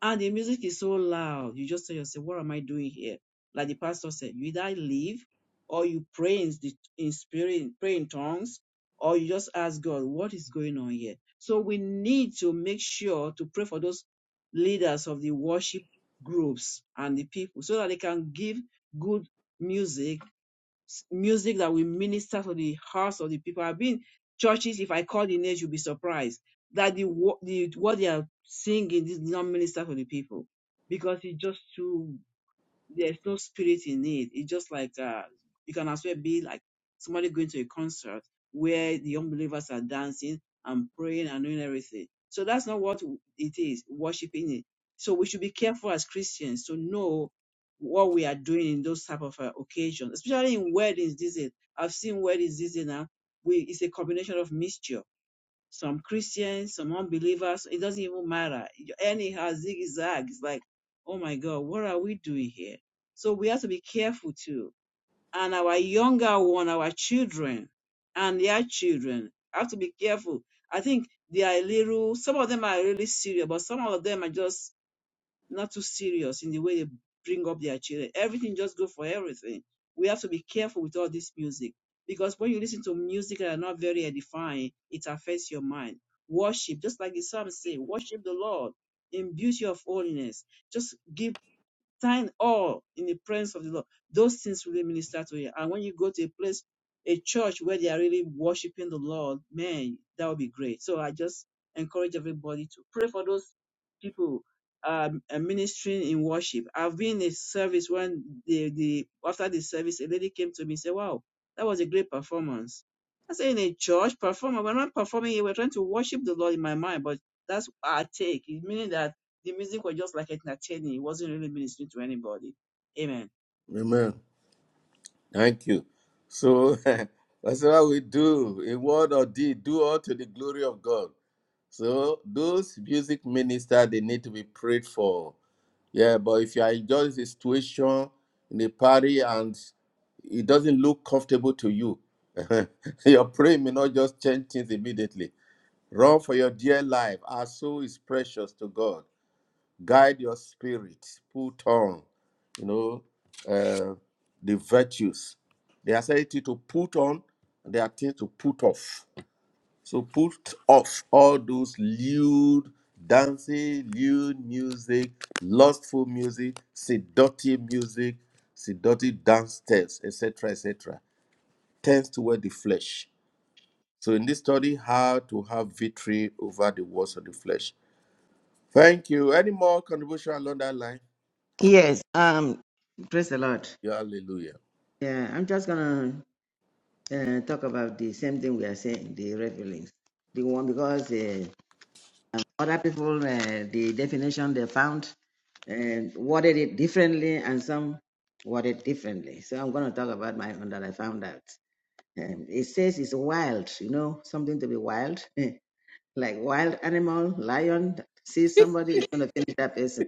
Speaker 2: and the music is so loud. You just tell yourself, what am I doing here? Like the pastor said, you either leave or you pray in, the, in spirit, pray in tongues, or you just ask God, what is going on here? So we need to make sure to pray for those leaders of the worship groups and the people so that they can give good music s- music that will minister to the hearts of the people. I've been churches, if I call the names, you'll be surprised that the, wo- the what they are singing is not minister to the people because it's just too there's no spirit in it. It's just like uh, you can as well be like somebody going to a concert where the unbelievers are dancing and praying and doing everything. So that's not what it is, worshiping it. So we should be careful as Christians to know what we are doing in those type of uh, occasions, especially in weddings these days. I've seen weddings these days now. We, it's a combination of mixture some Christians, some unbelievers. It doesn't even matter. Anyhow, zigzag. It's like, oh my God, what are we doing here? So we have to be careful too. And our younger one, our children and their children have to be careful. I think they are little, some of them are really serious, but some of them are just not too serious in the way they bring up their children. Everything just go for everything. We have to be careful with all this music because when you listen to music that are not very edifying, it affects your mind. Worship, just like the psalm say, worship the Lord in beauty of holiness. Just give time all in the presence of the Lord. Those things really minister to you. And when you go to a place, a church where they are really worshiping the Lord, man, that would be great. So I just encourage everybody to pray for those people um, uh, ministering in worship. I've been in a service when the, the after the service, a lady came to me and said, Wow, that was a great performance. I said, in a church performer, we're not performing here, we're trying to worship the Lord in my mind, but that's our take. It meaning that the music was just like entertaining. It wasn't really ministering to anybody. Amen.
Speaker 1: Amen. Thank you. So (laughs) that's what we do in word or deed, do all to the glory of God. So those music ministers, they need to be prayed for. Yeah, but if you are in just a situation in a party and it doesn't look comfortable to you, (laughs) your prayer may not just change things immediately. Run for your dear life. Our soul is precious to God guide your spirit, put on, you know, uh, the virtues. They are said to put on, they are things to put off. So put off all those lewd dancing, lewd music, lustful music, seductive music, seductive dance steps, etc., etc. Tends toward the flesh. So in this study, how to have victory over the works of the flesh. Thank you. Any more contribution along that line?
Speaker 4: Yes, um, praise the Lord.
Speaker 1: Yeah, hallelujah.
Speaker 4: Yeah, I'm just gonna uh, talk about the same thing we are saying, the revelings. The one because uh, um, other people, uh, the definition they found, and worded it differently, and some worded differently. So I'm gonna talk about my own that I found out. Um, it says it's wild, you know, something to be wild, (laughs) like wild animal, lion. See somebody is gonna finish that person.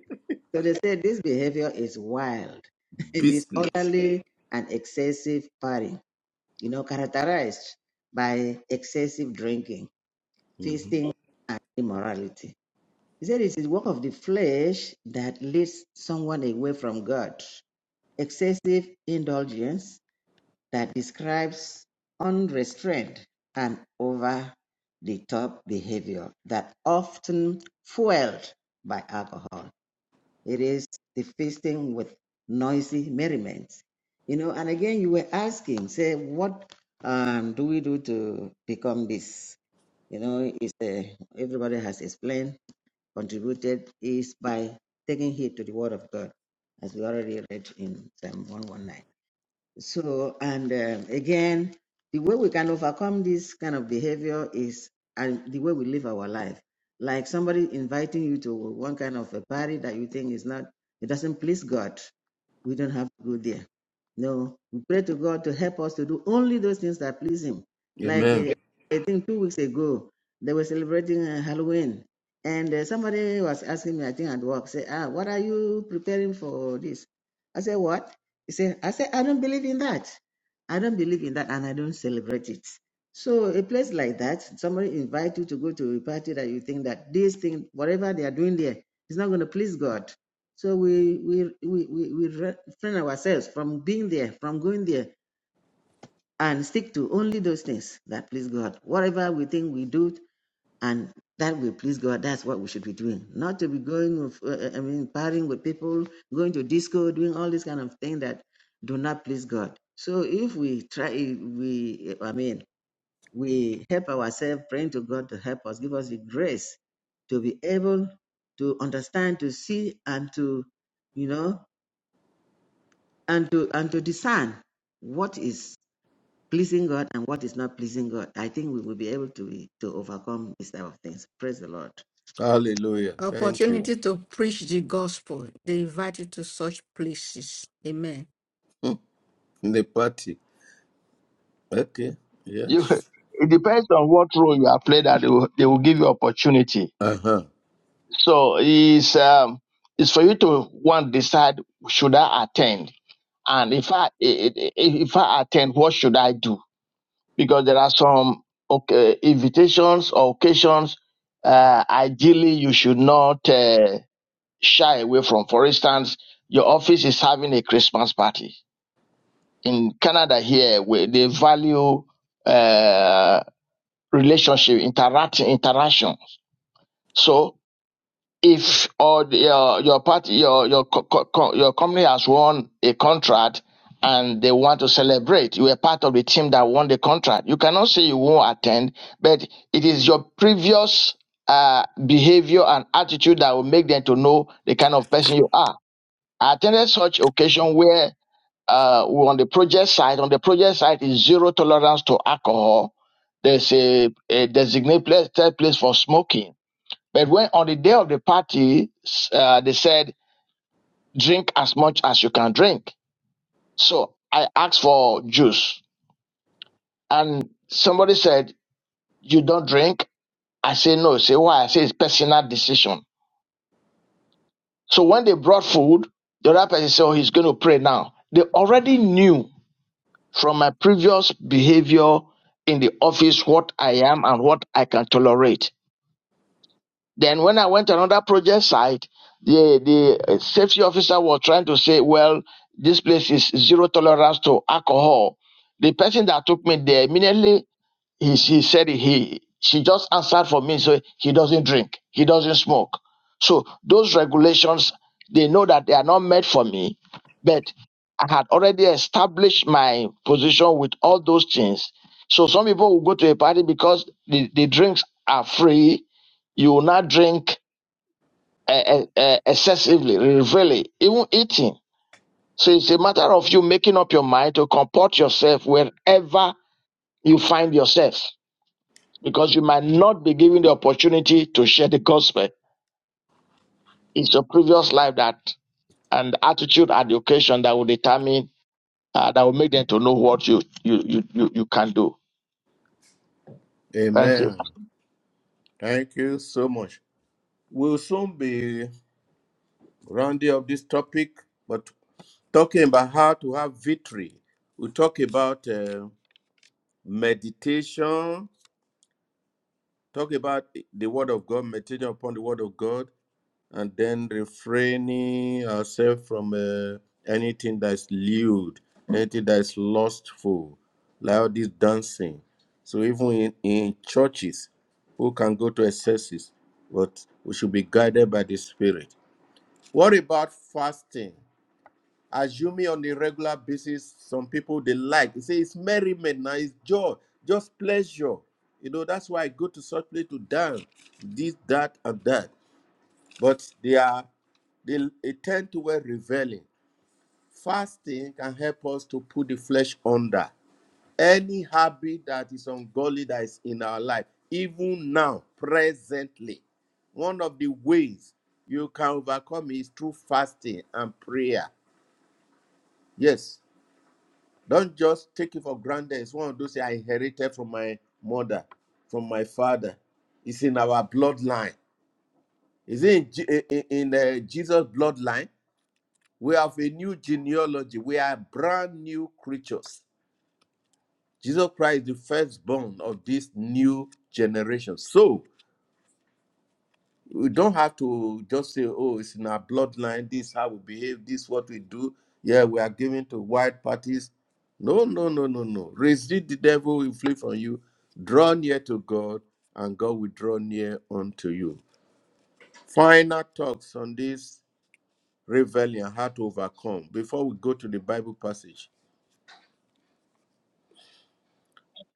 Speaker 4: So they say this behavior is wild, (laughs)
Speaker 1: Beastly.
Speaker 4: disorderly, and excessive partying, you know, characterized by excessive drinking,
Speaker 1: Mhm.
Speaker 4: feasting, and immorality. He said it is work of the flesh that leads someone away from God. Excessive indulgence that describes unrestrained and over the top behavior that often fueled by alcohol it is the feasting with noisy merriment. You know, and again, you were asking, say, what um, do we do to become this? You know, it's a, everybody has explained, contributed, is by taking heed to the word of God, as we already read in Psalm 119. So, and um again, the way we can overcome this kind of behavior is and the way we live our life. Like somebody inviting you to one kind of a party that you think is not, it doesn't please God. We don't have to go there. No, we pray to God to help us to do only those things that please Him. Like uh,
Speaker 1: Amen.
Speaker 4: I think two weeks ago, they were celebrating uh, Halloween, and uh, somebody was asking me, I think at work, say, ah, what are you preparing for this? I said, what? He said, I said, I don't believe in that. I don't believe in that and I don't celebrate it. So a place like that, somebody invite you to go to a party that you think that this thing, whatever they are doing there, is not going to please God. So we we we we, we refrain ourselves from being there, from going there, and stick to only those things that please God. Whatever we think we do and that will please God. That's what we should be doing, not to be going, with, uh, uh, I mean, partying with people, going to disco, doing all these kind of things that do not please God. So if we try, we, I mean, we help ourselves, praying to God to help us, give us the grace to be able to understand, to see, and to, you know, and to and to discern what is pleasing God and what is not pleasing God. I think we will be able to to overcome these type of things. Praise the Lord.
Speaker 1: Hallelujah. Thank you.
Speaker 3: opportunity to preach the gospel. They invited to such places. Amen.
Speaker 1: Hmm. the party. Okay.
Speaker 6: You,
Speaker 1: Yes.
Speaker 6: (laughs) it depends on what role you have played that they will, they will give you opportunity.
Speaker 1: Uh huh.
Speaker 6: So it's, um, it's for you to one decide should I attend? And if I i- i- if I attend, what should I do? because there are some okay, invitations or occasions uh, ideally you should not uh, shy away from. For instance, your office is having a Christmas party. In Canada here, where they value uh, relationship, interact, interaction. So if or the- your your party your your co- co- co- your company has won a contract and they want to celebrate you were part of the team that won the contract you cannot say you won't attend but it is your previous uh, behavior and attitude that will make them to know the kind of person you are i attended such occasion where uh, we on the project side on the project side is zero tolerance to alcohol there's a, a designated place for smoking but when on the day of the party, uh, they said, drink as much as you can drink. So I asked for juice and somebody said, you don't drink? I say, no. I Say why? I say, it's personal decision. So when they brought food, the other person said, oh, he's going to pray now. They already knew from my previous behavior in the office what I am and what I can tolerate. Then when I went to another project site, the the uh, safety officer was trying to say, well, this place is zero tolerance to alcohol. The person that took me there immediately he, she said he she just answered for me so he doesn't drink he doesn't smoke so those regulations they know that they are not made for me but i had already established my position with all those things so some people will go to a party because the, the drinks are free you will not drink uh, uh, excessively really even eating so it's a matter of you making up your mind to comport yourself wherever you find yourself because you might not be given the opportunity to share the gospel. It's your previous life that and attitude at the occasion that will determine uh, that will make them to know what you you you you, you can do. Thank you.
Speaker 1: Amen. Thank you so much. We'll soon be rounding up this topic, but talking about how to have victory. We talk about uh, meditation, talk about the word of God, meditation upon the word of God, and then refraining ourselves from uh, anything that's lewd, anything that's lustful, like all this dancing. So even in, in churches, who can go to excesses, but we should be guided by the Spirit. What about fasting? Assuming on a regular basis, some people they like. They say it's merriment, now it's joy, just pleasure. You know, that's why I go to such place to dance, this, that, and that but they are they, they tend toward reveling. Fasting can help us to put the flesh under any habit that is ungodly that is in our life, even now, presently. One of the ways you can overcome is through fasting and prayer. Yes, don't just take it for granted. It's one of those I inherited from my mother, from my father. It's in our bloodline. Is it in, Je- in, in, uh, Jesus' bloodline? We have a new genealogy. We are brand new creatures. Jesus Christ is the firstborn of this new generation. So we don't have to just say, oh, it's in our bloodline. This is how we behave. This is what we do. Yeah, we are given to white parties. No, no, no, no, no. Resist the devil, he will flee from you. Draw near to God, and God will draw near unto you. Final thoughts on this rebellion, how to overcome, before we go to the Bible passage.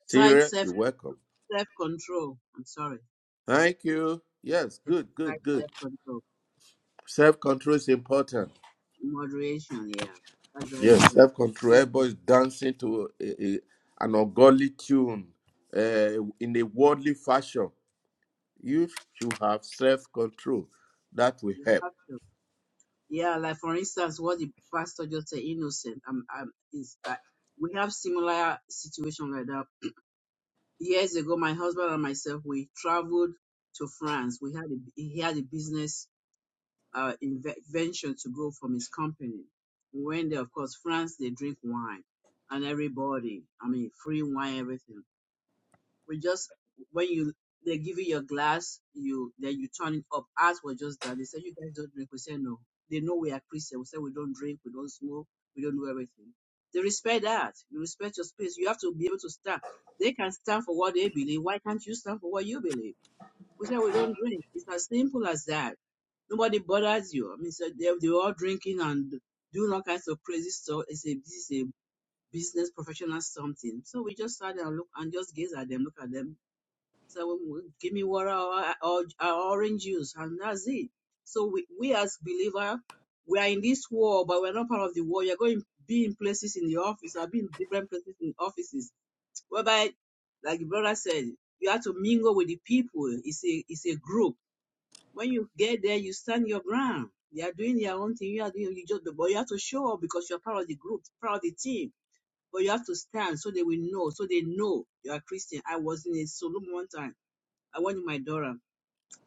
Speaker 2: Exercise
Speaker 1: Syria,
Speaker 2: self
Speaker 1: you're welcome.
Speaker 2: self control. I'm sorry.
Speaker 1: Thank you. Yes, good, good,
Speaker 2: Exercise
Speaker 1: good.
Speaker 2: self control.
Speaker 1: Self control is important.
Speaker 2: Moderation. Yeah, that's very
Speaker 1: Yes,
Speaker 2: important.
Speaker 1: self control.
Speaker 2: Christian,
Speaker 1: Everybody's dancing to a, a- an ungodly tune uh, in a worldly fashion. You should have self control. That will
Speaker 2: you
Speaker 1: help.
Speaker 2: have to. Yeah, like for instance, what the pastor just said, innocent. I'm. I'm. Is. I, we have similar situation like that. Years ago, my husband and myself, we traveled to France. We had a, he had a business uh, inve- to go from his company. We went there, of course, France, they drink wine and everybody, I mean, free wine, everything. We just, when you, they give you your glass, you, then you turn it up. Ours was just that. They said, you guys don't drink. We said, no. They know we are Christian. We said, we don't drink, we don't smoke, we don't do everything. They respect that. You respect your space. You have to be able to stand. They can stand for what they believe. Why can't you stand for what you believe? We said we don't drink. It's as simple as that. Nobody bothers you. I mean, so they they are all drinking and doing all kinds of crazy stuff. It's a this is a business professional something. So we just sat there and look and just gaze at them, look at them. So we- we- give me water or, or, or orange juice, and that's it. So we, we as believer, we are in this war, but we're not part of the war. You're going to be in places in the office or be in different places in offices, whereby, like the brother said, you have to mingle with the people. It's a it's a group when you get there, you stand your ground. They are doing their own thing. You are doing you just, but you have to show up because you are part of the group, part of the team. But you have to stand so they will know, so they know you are Christian. I was in a saloon one time. I went with my daughter.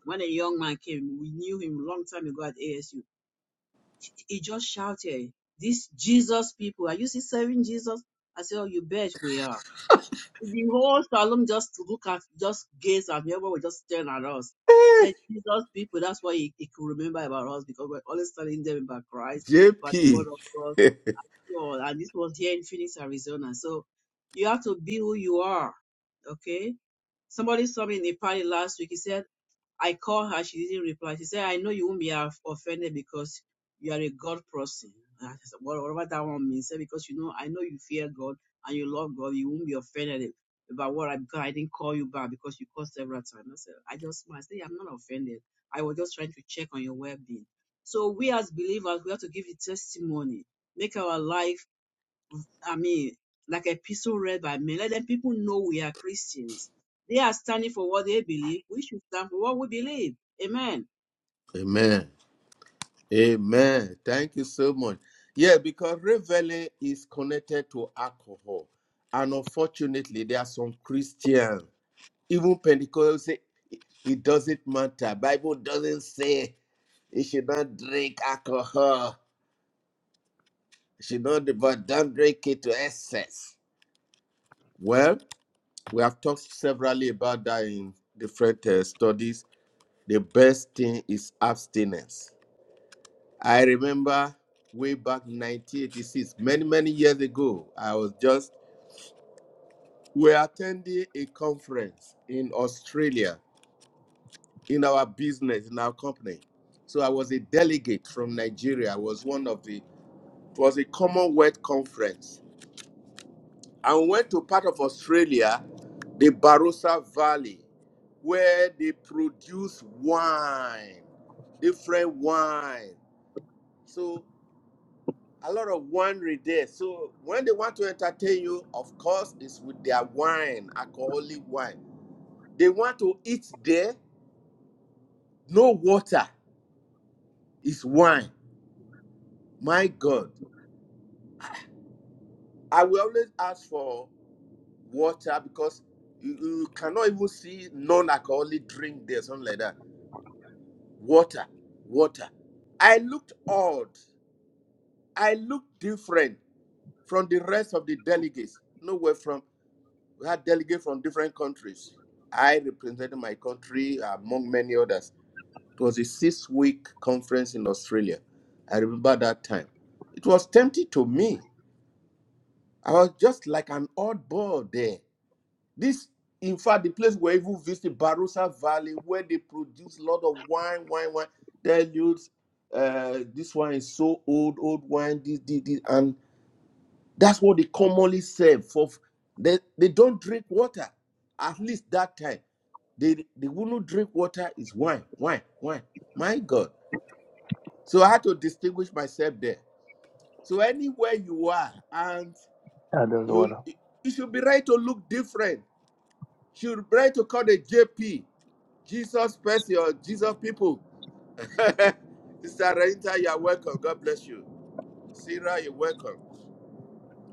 Speaker 2: When a young man came, we knew him a long time ago at ASU. He just shouted, "This Jesus people, are you still serving Jesus?" I said, "Oh, you bet we are." The whole Salem just look at, just gaze at me. Everyone was just staring at us.
Speaker 1: (laughs)
Speaker 2: Said Jesus people, that's why he, he could remember about us because we're always telling them about Christ, about the
Speaker 1: JP.
Speaker 2: word of God.
Speaker 1: (laughs)
Speaker 2: So, and this was here in Phoenix, Arizona. So you have to be who you are. Okay. Somebody saw me in a party last week. He said, I called her, she didn't reply. She said, I know you won't be af- offended because you are a God person. And I said, "What- Whatever that one means. Say, Because you know, I know you fear God and you love God. You won't be offended about what I because I didn't call you back because you called several times. I said, I just smiled. I said, I'm not offended. I was just trying to check on your well being. So we as believers, we have to give the testimony, make our life I mean, like epistle read by men. Let them people know we are Christians. They are standing for what they believe. We should stand for what we believe. Amen.
Speaker 1: Amen. Amen. Thank you so much. Yeah, because reveling is connected to alcohol. And unfortunately, there are some Christians. Even Pentecostals say it doesn't matter. Bible doesn't say you should not drink alcohol. You should not, but don't drink it to excess. Well, we have talked severally about that in different uh, studies. The best thing is abstinence. I remember way back 1986, many, many years ago, I was just, we were attending a conference in Australia in our business, in our company. So I was a delegate from Nigeria. I was one of the, it was a Commonwealth conference. And we went to part of Australia, the Barossa Valley, where they produce wine, different wine. So a lot of winery there. So when they want to entertain you, of course, it's with their wine, alcoholic wine. They want to eat there, no water, it's wine. My God. I will always ask for water because you, you cannot even see non-alcoholic drink there, something like that. Water, water. I looked odd. I looked different from the rest of the delegates. Nowhere from we had delegates from different countries. I represented my country among many others. It was a six-week conference in Australia. I remember that time. It was tempting to me. I was just like an oddball there. This, in fact, the place where even visit Barossa Valley, where they produce a lot of wine, wine, wine. Tell you, uh, this wine is so old, old wine. This, this, this, and that's what they commonly serve. For they, they don't drink water. At least that time, they they wouldn't drink water. Is wine, wine, wine. My God! So I had to distinguish myself there. So anywhere you are, and
Speaker 6: I don't know what
Speaker 1: you,
Speaker 6: else.
Speaker 1: you should be right to look different. You Should be right to call the JP Jesus person or Jesus people. (laughs) Sister Renita, you are welcome. God bless you. Sarah, you're welcome.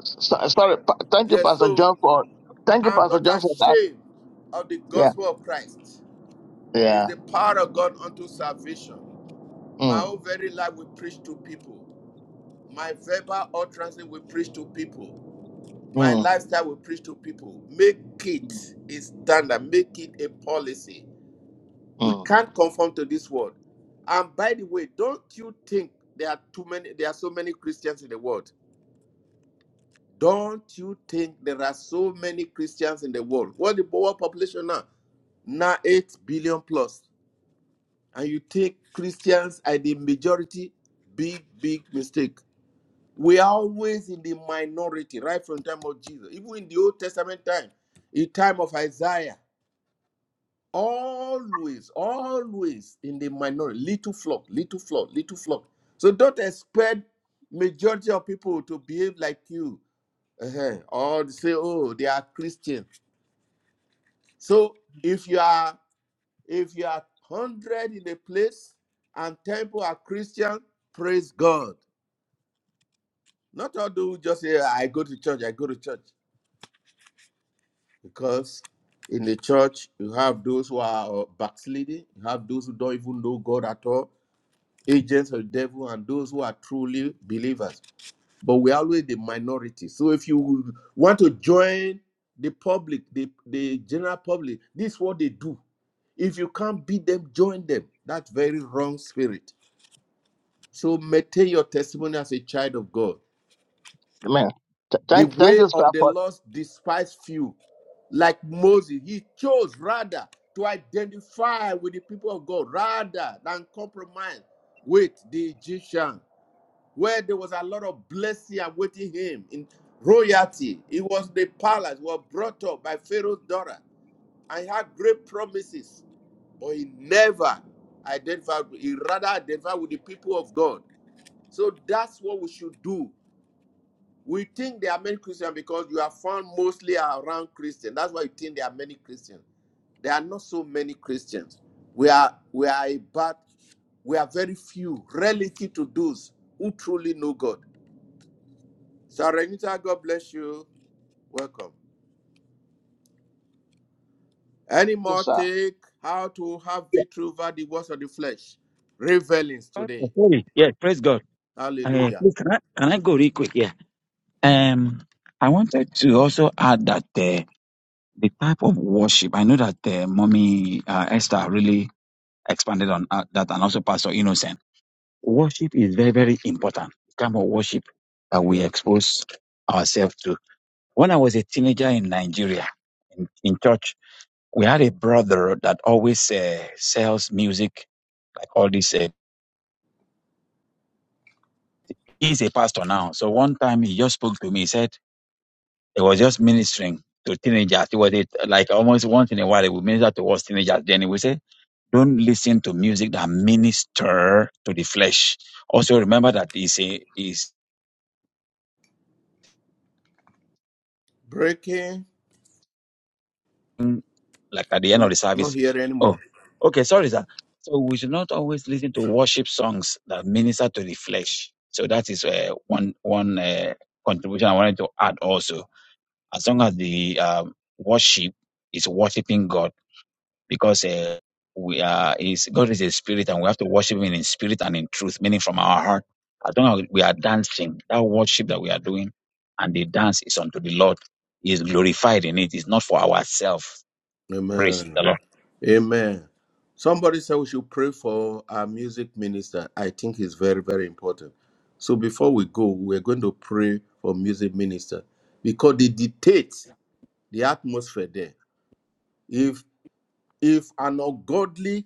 Speaker 6: So, sorry. Pa- thank you,
Speaker 1: Yes,
Speaker 6: Pastor
Speaker 1: so
Speaker 6: John, for thank you,
Speaker 1: I'm
Speaker 6: Pastor
Speaker 1: not
Speaker 6: John, for that.
Speaker 1: ashamed of the
Speaker 6: Yeah.
Speaker 1: gospel of Christ. It's
Speaker 6: Yeah.
Speaker 1: the power of God unto salvation. My
Speaker 6: Mm,
Speaker 1: whole very life will preach to people. My verbal utterance will preach to people. My
Speaker 6: mm,
Speaker 1: lifestyle will preach to people. Make it
Speaker 6: mm.
Speaker 1: a standard. Make it a policy We
Speaker 6: mm.
Speaker 1: can't conform to this world. And by the way, don't you think there are too many there are so many Christians in the world? Don't you think there are so many Christians in the world? What the world population now? Now 8 billion plus. And you think Christians are the majority? Big, big mistake. We are always in the minority right from the time of Jesus. Even in the Old Testament time, in the time of Isaiah. always, always in the minority, little flock, little flock, little flock. So don't expect majority of people to behave like you, uh-huh, or say, oh, they are Christian. So if you are if you are one hundred in a place and ten people are Christian, praise God. Not all do just say, I go to church, I go to church, because in the church you have those who are backsliding, you have those who don't even know God at all agents of the devil and those who are truly believers. But we're always the minority. So if you want to join the public, the, the general public, this is what they do. If you can't beat them, join them. That's very wrong spirit. So maintain your testimony as a child of God.
Speaker 6: Amen. Th-
Speaker 1: The
Speaker 6: thank thank
Speaker 1: way
Speaker 6: you, sir,
Speaker 1: of the
Speaker 6: for
Speaker 1: lost despise few. Like Moses, he chose rather to identify with the people of God rather than compromise with the Egyptian. where there was a lot of blessing awaiting him in royalty. He was the palace, was brought up by Pharaoh's daughter and had great promises, but he never identified, he rather identified with the people of God. So that's what we should do. We think there are many Christians because you are found mostly around Christians. That's why you think there are many Christians. There are not so many Christians. We are we are about we are very few relative to those who truly know God. Sarenita, God bless you. Welcome. Any more
Speaker 6: this, sir.
Speaker 1: take how to have victory over the works of the flesh? Revelings today.
Speaker 5: Sorry. Yeah, praise God. Uh,
Speaker 1: Hallelujah.
Speaker 5: please, can I, can I go real quick? Yeah. Um, I wanted to also add that. uh, the type of worship. I know that uh, Mommy uh, Esther really expanded on uh, that, and also Pastor Innocent. Worship is very, very important. The kind of worship that we
Speaker 1: Yes.
Speaker 5: expose ourselves to. When I was a teenager in Nigeria, in, in church, we had a brother that always uh, sells music, like all this. Uh, he's a pastor now. So one time he just spoke to me. He said he was just ministering to teenagers. He was a, like almost once in a while he would minister towards teenagers. Then he would say Don't listen to music that minister to the flesh. Also remember that is a is
Speaker 1: Breaking.
Speaker 5: like at the
Speaker 1: We're
Speaker 5: end of
Speaker 1: not,
Speaker 5: the
Speaker 1: not
Speaker 5: service.
Speaker 1: here
Speaker 5: Oh,
Speaker 1: anymore.
Speaker 5: okay, sorry, sir. So we should not always listen to worship songs that minister to the flesh. So that is uh, one one uh, contribution I wanted to add also. As long as the um, worship is worshiping God because uh, we are is God is a spirit and we have to worship him in spirit and in truth, meaning from our heart. As long as we are dancing, that worship that we are doing and the dance is unto the Lord. He is glorified in it. It's not for ourselves. Praise the
Speaker 1: Amen.
Speaker 5: Lord.
Speaker 1: Amen. Somebody said we should pray for our music minister. I think it's very, very important. So before we go, we're going to pray for music minister because they dictate the atmosphere there. If if an ungodly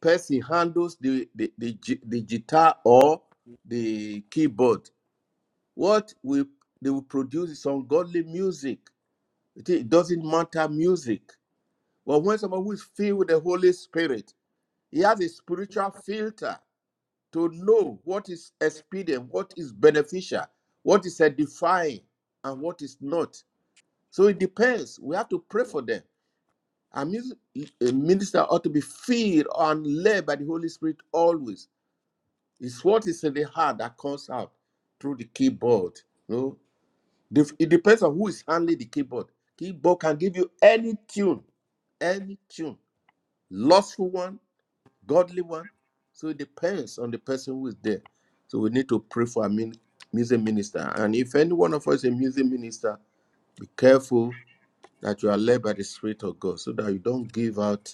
Speaker 1: person handles the, the, the, gi- the guitar or the keyboard. What we they will produce is ungodly music. It it doesn't matter music. But when someone who is filled with the Holy Spirit, he has a spiritual filter to know what is expedient, what is beneficial, what is edifying, and what is not. So it depends. We have to pray for them. A mus- a minister ought to be filled and led by the Holy Spirit always It's what is in the heart that comes out through the keyboard. No, Def- it depends on who is handling the keyboard. Keyboard can give you any tune, any tune, lustful one, godly one. So it depends on the person who is there. So we need to pray for a min- music minister. And if any one of us is a music minister, be careful that you are led by the Spirit of God, so that you don't give out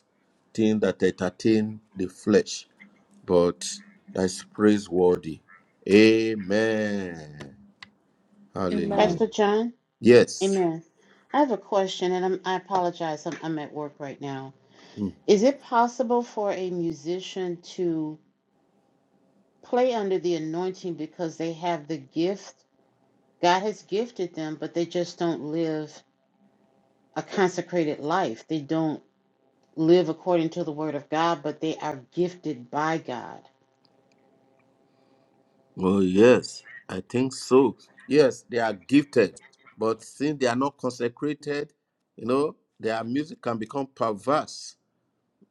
Speaker 1: things that entertain the flesh but that's praiseworthy. Amen.
Speaker 3: Amen.
Speaker 1: Hallelujah.
Speaker 7: Pastor John,
Speaker 1: Yes.
Speaker 7: amen. I have a question, and I'm, I apologize, I'm, I'm at work right now.
Speaker 1: Mm.
Speaker 7: Is it possible for a musician to play under the anointing because they have the gift? God has gifted them, but they just don't live a consecrated life. They don't live according to the word of God, but they are gifted by God.
Speaker 1: Oh, yes. I think so. Yes, they are gifted, but since they are not consecrated, you know, their music can become perverse.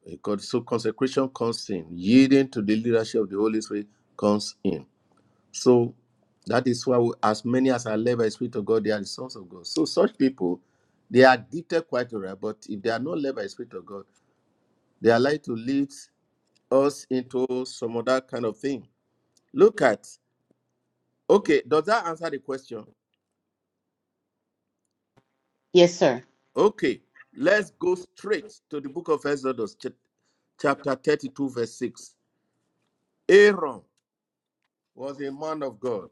Speaker 1: Because so consecration comes in, yielding to the leadership of the Holy Spirit comes in. So that is why, we, as many as are led by the Spirit of God, they are the sons of God. So such people, they are gifted quite all right, but if they are not led by the Spirit of God, They are like to lead us into some other kind of thing. Look at, okay, does that answer the question?
Speaker 7: Yes, sir.
Speaker 1: Okay, let's go straight to the book of Exodus, chap- chapter 32, verse 6. Aaron was a man of God.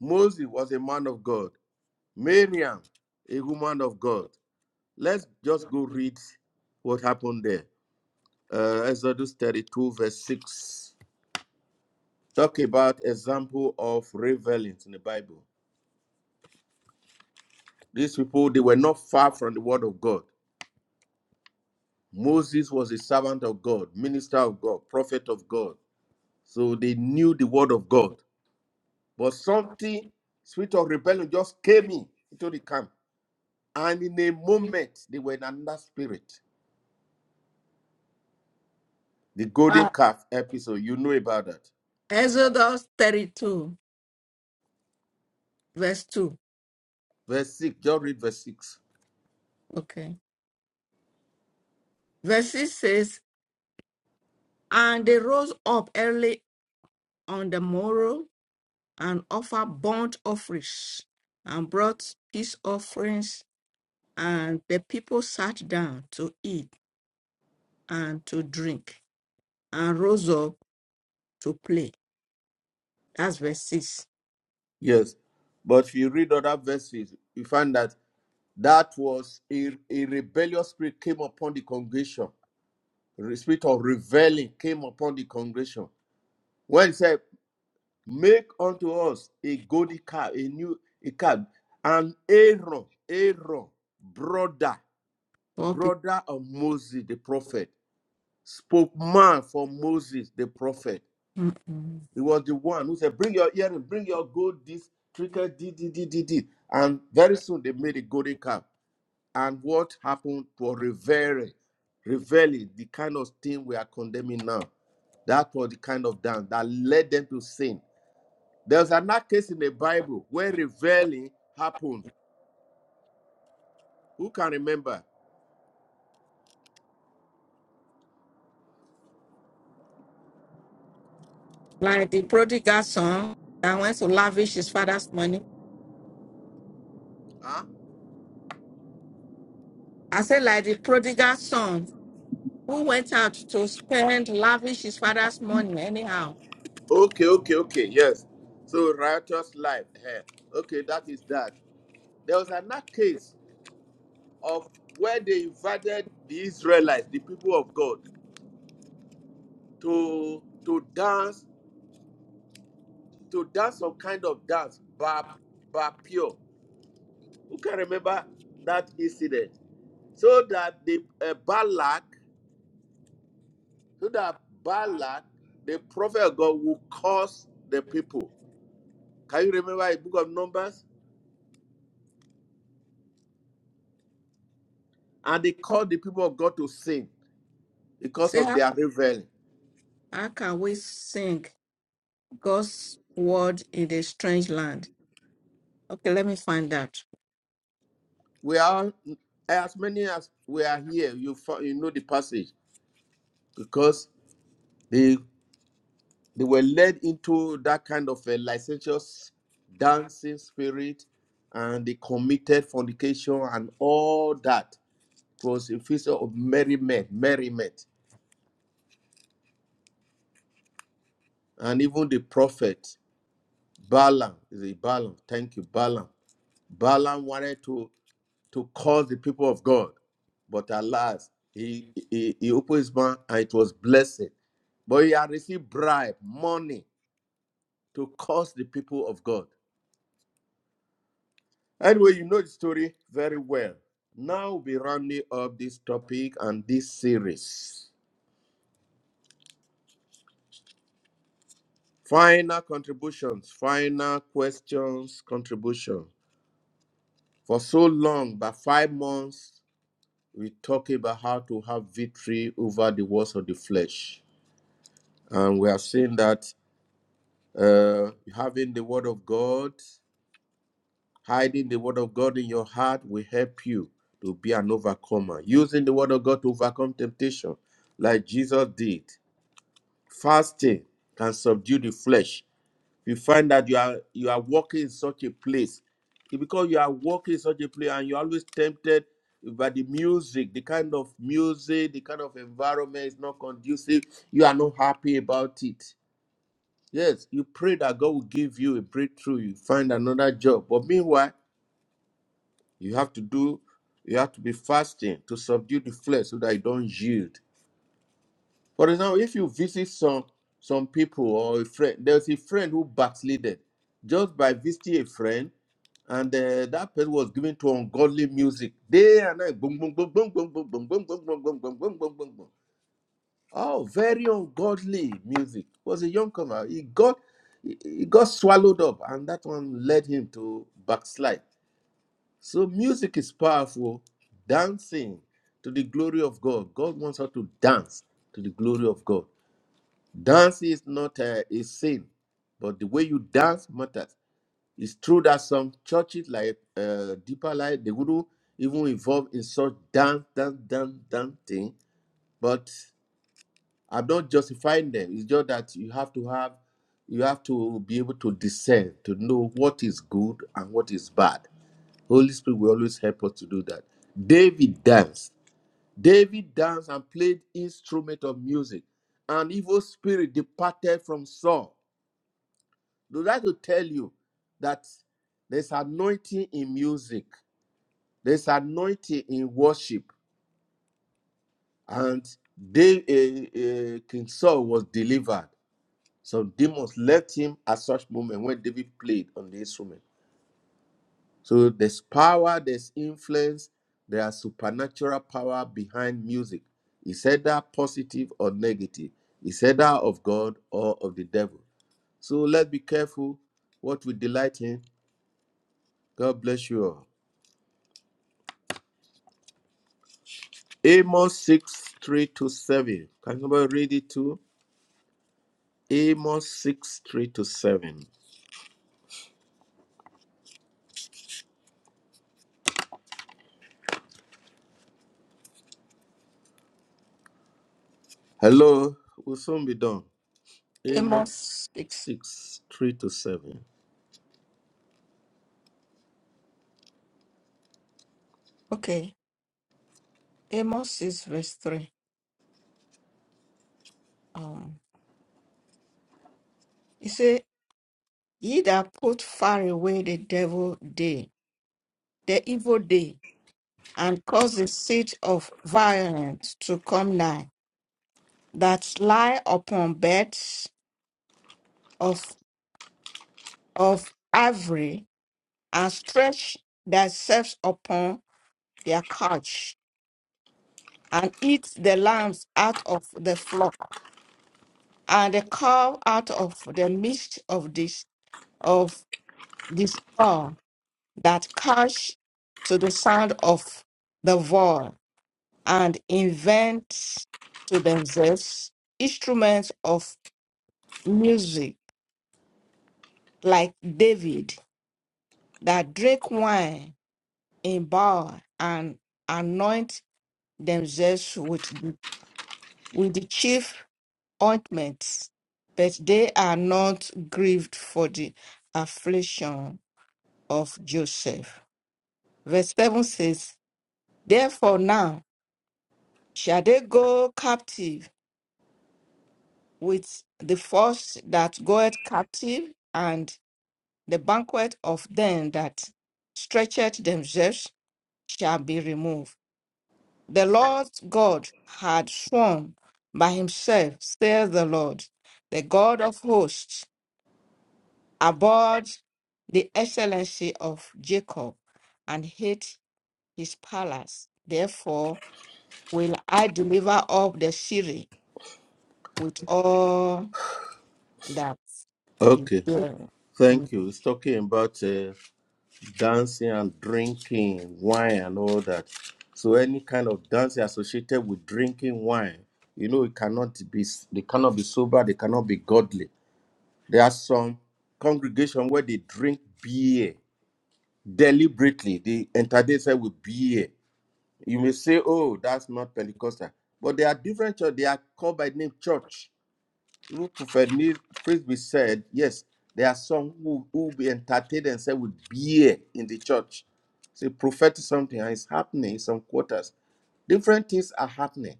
Speaker 1: Moses was a man of God. Miriam, a woman of God. Let's just go read what happened there. Uh, Exodus 32, verse 6. Talk about example of revelings in the Bible. These people, they were not far from the word of God. Moses was a servant of God, minister of God, prophet of God. So they knew the word of God. But something, spirit of rebellion, just came in into the camp. And in a moment, they were in another spirit. The golden
Speaker 3: Uh,
Speaker 1: calf episode, you know about that.
Speaker 3: Exodus 32, verse 2.
Speaker 1: Verse 6, just read verse 6.
Speaker 3: Okay. Verse 6 says, And they rose up early on the morrow and offered burnt offerings and brought peace offerings. And the people sat down to eat and to drink and rose up to play. That's verse 6.
Speaker 1: Yes. But if you read other verses, you find that that was a, a rebellious spirit came upon the congregation the spirit of reveling came upon the congregation when he said, Make unto us a golden calf, a new a calf, and Aaron, Aaron, brother,
Speaker 3: Poor people.
Speaker 1: brother of Moses the prophet, spoke man for Moses the prophet.
Speaker 3: Mm-mm.
Speaker 1: He was the one who said, Bring your earring, bring your gold, this trinket, did, did, did, did, did. And very soon they made a golden calf. And what happened to reveling, reveling, the kind of thing we are condemning now. That was the kind of dance that led them to sin. There's another case in the Bible where reveling happened. Who can remember?
Speaker 3: Like the prodigal son that went to lavish his father's money.
Speaker 1: Huh?
Speaker 3: I said, like the prodigal son who went out to spend, lavish his father's money anyhow.
Speaker 1: Okay, okay, okay, yes. So righteous life. eh, Okay, that is that. There was another case of where they invited the Israelites, the people of God, to to dance, to dance some kind of dance, bar, bar who can remember that incident? So that the uh, Balak, so that Balak, the prophet of God, will curse the people. Can you remember the book of Numbers? And they called the people of God to sin
Speaker 3: You
Speaker 1: because
Speaker 3: see,
Speaker 1: of
Speaker 3: how,
Speaker 1: their rebellion.
Speaker 3: how can we sing God's word in a strange land? Okay, let me find that.
Speaker 1: We are as many as we are here. You you know the passage because they they were led into that kind of a licentious dancing spirit, and they committed fornication and all that was a festival of merriment, merriment. And even the prophet Balaam, is it Balaam? Thank you, Balaam. Balaam wanted to, to curse the people of God, but alas, he, he, he opened his mouth and it was blessed. But he had received bribe, money to curse the people of God. Anyway, you know the story very well. Now we'll be rounding up this topic and this series. Final contributions, final questions, contribution. For so long, by five months, we talk about how to have victory over the works of the flesh. And we have seen that uh, having the word of God, hiding the word of God in your heart will help you to be an overcomer. Using the word of God to overcome temptation, like Jesus did. Fasting can subdue the flesh you find that you are you are working in such a place It- because you are working in such a place and you're always tempted by the music the kind of music the kind of environment is not conducive you are not happy about it yes you pray that god will give you a breakthrough you find another job but meanwhile you have to do you have to be fasting to subdue the flesh so that you don't yield For example, if you visit some some people or a friend, there's a friend who backslided just by visiting a friend, and uh, that person was given to ungodly music day and night. Boom, boom, boom, boom, boom, boom, boom, boom, boom, boom, boom, boom, boom, boom, boom, boom. Oh, very ungodly music. Was a young comer. He got he he got swallowed up, and that one led him to backslide. So music is powerful. Dancing to the glory of God. God wants us to dance to the glory of God. Dance is not a, a sin, but the way you dance matters. It's true that some churches like uh, Deeper Life, the Guru, even involved in such dance, dance, dance, dance thing. But I'm not justifying them. It's just that you have to have, you have to be able to discern, to know what is good and what is bad. Holy Spirit will always help us to do that. David danced. David danced and played instrument of music. An evil spirit departed from Saul They would like to tell you that there's anointing in music, there's anointing in worship, and they, uh, uh, King Saul was delivered. Some demons left him at such moment when David played on the instrument. So there's power, there's influence, there's supernatural power behind music. Is either positive or negative? Is either of God or of the devil? So let's be careful what we delight in. God bless you all. Amos 6 3 to 7. Can somebody read it too? Amos 6 3 to 7. Hello, we'll soon be done. Amos
Speaker 3: Amos 6.
Speaker 1: 6 3 to 7.
Speaker 3: Okay, Amos 6, verse 3. Um, he said, Ye that put far away the devil day, the evil day, and cause the seat of violence to come nigh, that lie upon beds of, of ivory, and stretch themselves upon their couch, and eat the lambs out of the flock, and the calf out of the midst of this of the stall, that catch to the sound of the voice, and invent to themselves instruments of music like David that drink wine in bar and anoint themselves with the, with the chief ointments, but they are not grieved for the affliction of Joseph. Verse 7 says, Therefore now shall they go captive with the first that goeth captive and the banquet of them that stretcheth themselves shall be removed. The Lord God had sworn by himself, says the Lord, the God of hosts, abhorred the excellency of Jacob and hate his palace. Therefore will I deliver up the city with all that is
Speaker 1: Okay,
Speaker 3: there.
Speaker 1: thank you. It's talking about uh, dancing and drinking wine and all that. So, any kind of dancing associated with drinking wine, you know, it cannot be, they cannot be sober, they cannot be godly. There are some congregation where they drink beer deliberately. The entire day said will be here. You may say, oh, that's not Pentecostal. But they are different church. They are called by name church through Prophet Neil Frisbee said, yes, there are some who who be entertained and said with beer in the church. See, prophetic something and it's happening in some quarters. Different things are happening.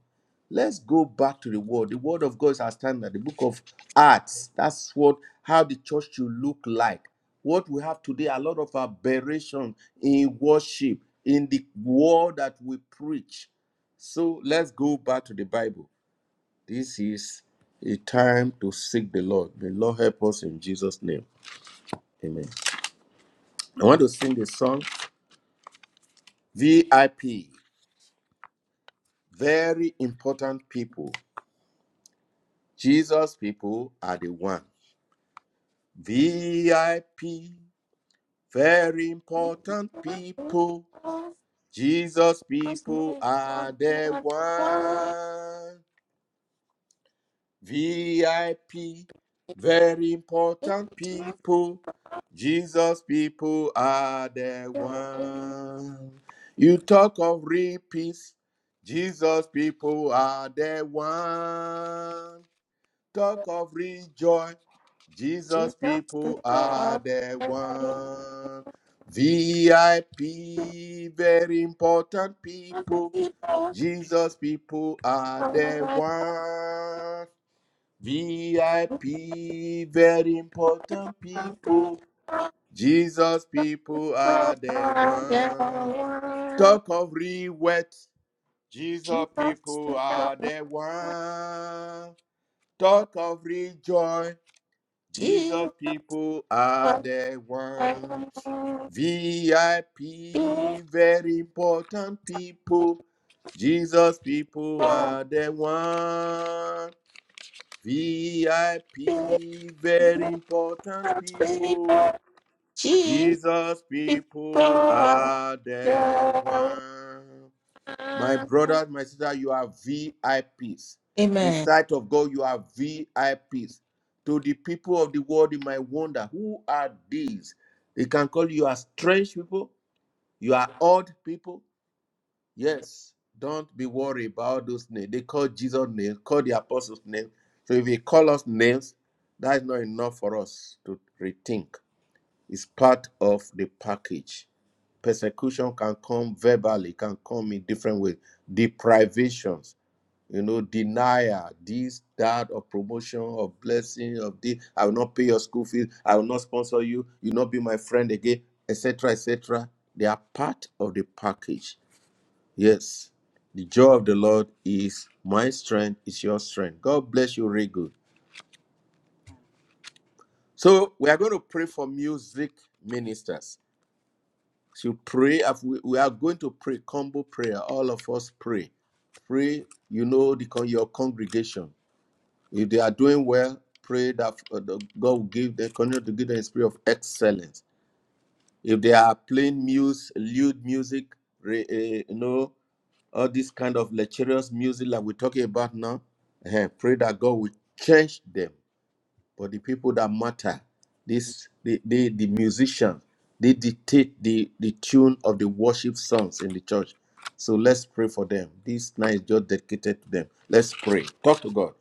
Speaker 1: Let's go back to the word. The word of God is our standard. The book of Acts. That's what how the church should look like. What we have today, a lot of aberration in worship, in the word that we preach. So let's go back to the Bible. This is a time to seek the Lord. May Lord help us in Jesus' name. Amen. I want to sing the song VIP. Very important people. Jesus people are the one. VIP. Very important people. Jesus people are the one. VIP, very important
Speaker 3: in
Speaker 1: people. Jesus people are the one. You talk of real peace. Jesus people are the one. Talk of real joy.
Speaker 3: Jesus,
Speaker 1: Jesus
Speaker 3: people
Speaker 1: people are
Speaker 3: are
Speaker 1: the
Speaker 3: dying.
Speaker 1: one. VIP, very important people.
Speaker 3: People are
Speaker 1: Jesus people are the
Speaker 3: dying.
Speaker 1: one. VIP, very important people. Jesus people
Speaker 3: People
Speaker 1: are the
Speaker 3: are
Speaker 1: ones.
Speaker 3: dying.
Speaker 1: Talk of rewet. Jesus
Speaker 3: Jesus,
Speaker 1: people
Speaker 3: people
Speaker 1: are
Speaker 3: are
Speaker 1: the ones. Talk of rejoice. Jesus
Speaker 3: Jesus,
Speaker 1: people are
Speaker 3: are
Speaker 1: the ones.
Speaker 3: dying. People,
Speaker 1: VIP, very important people. Jesus people are the ones.
Speaker 3: people,
Speaker 1: VIP, very
Speaker 3: Jesus,
Speaker 1: important people.
Speaker 3: people, Jesus,
Speaker 1: Jesus
Speaker 3: people
Speaker 1: people
Speaker 3: are
Speaker 1: are the
Speaker 3: dying.
Speaker 1: one. My brothers, my sister, you are VIPs. In
Speaker 3: Amen.
Speaker 1: sight of God, you are VIPs. To the people of the world, you might wonder who are these? They can call you as strange people, you are odd people, Yes, don't be worried about those names. They call Jesus names, call the apostles names. So if they call us names, that is not enough for us to rethink. It's part of the package. Persecution can come verbally, can come in different ways. Deprivations, you know, denial, this, that, of promotion, of blessing, of this. I will not pay your school fees. I will not sponsor you. You will not be my friend again, etc., etc. They are part of the package Yes, the joy of the Lord is my strength, is your strength. God bless you, really good. So we are going to pray for music ministers. So pray, af- we we are going to pray combo prayer. All of us pray. Pray, you know, the, con- your congregation. If they are doing well, pray that uh, the- God will give them, continue to give them a spirit of excellence. If they are playing music, lewd music, re, eh, you know. all this kind of lecherous music that we're talking about now, eh, pray that God will change them. But the people that matter, this the the, the musicians, they dictate the, the tune of the worship songs in the church. So let's pray for them. This night is just dedicated to them. Let's pray. Talk to God.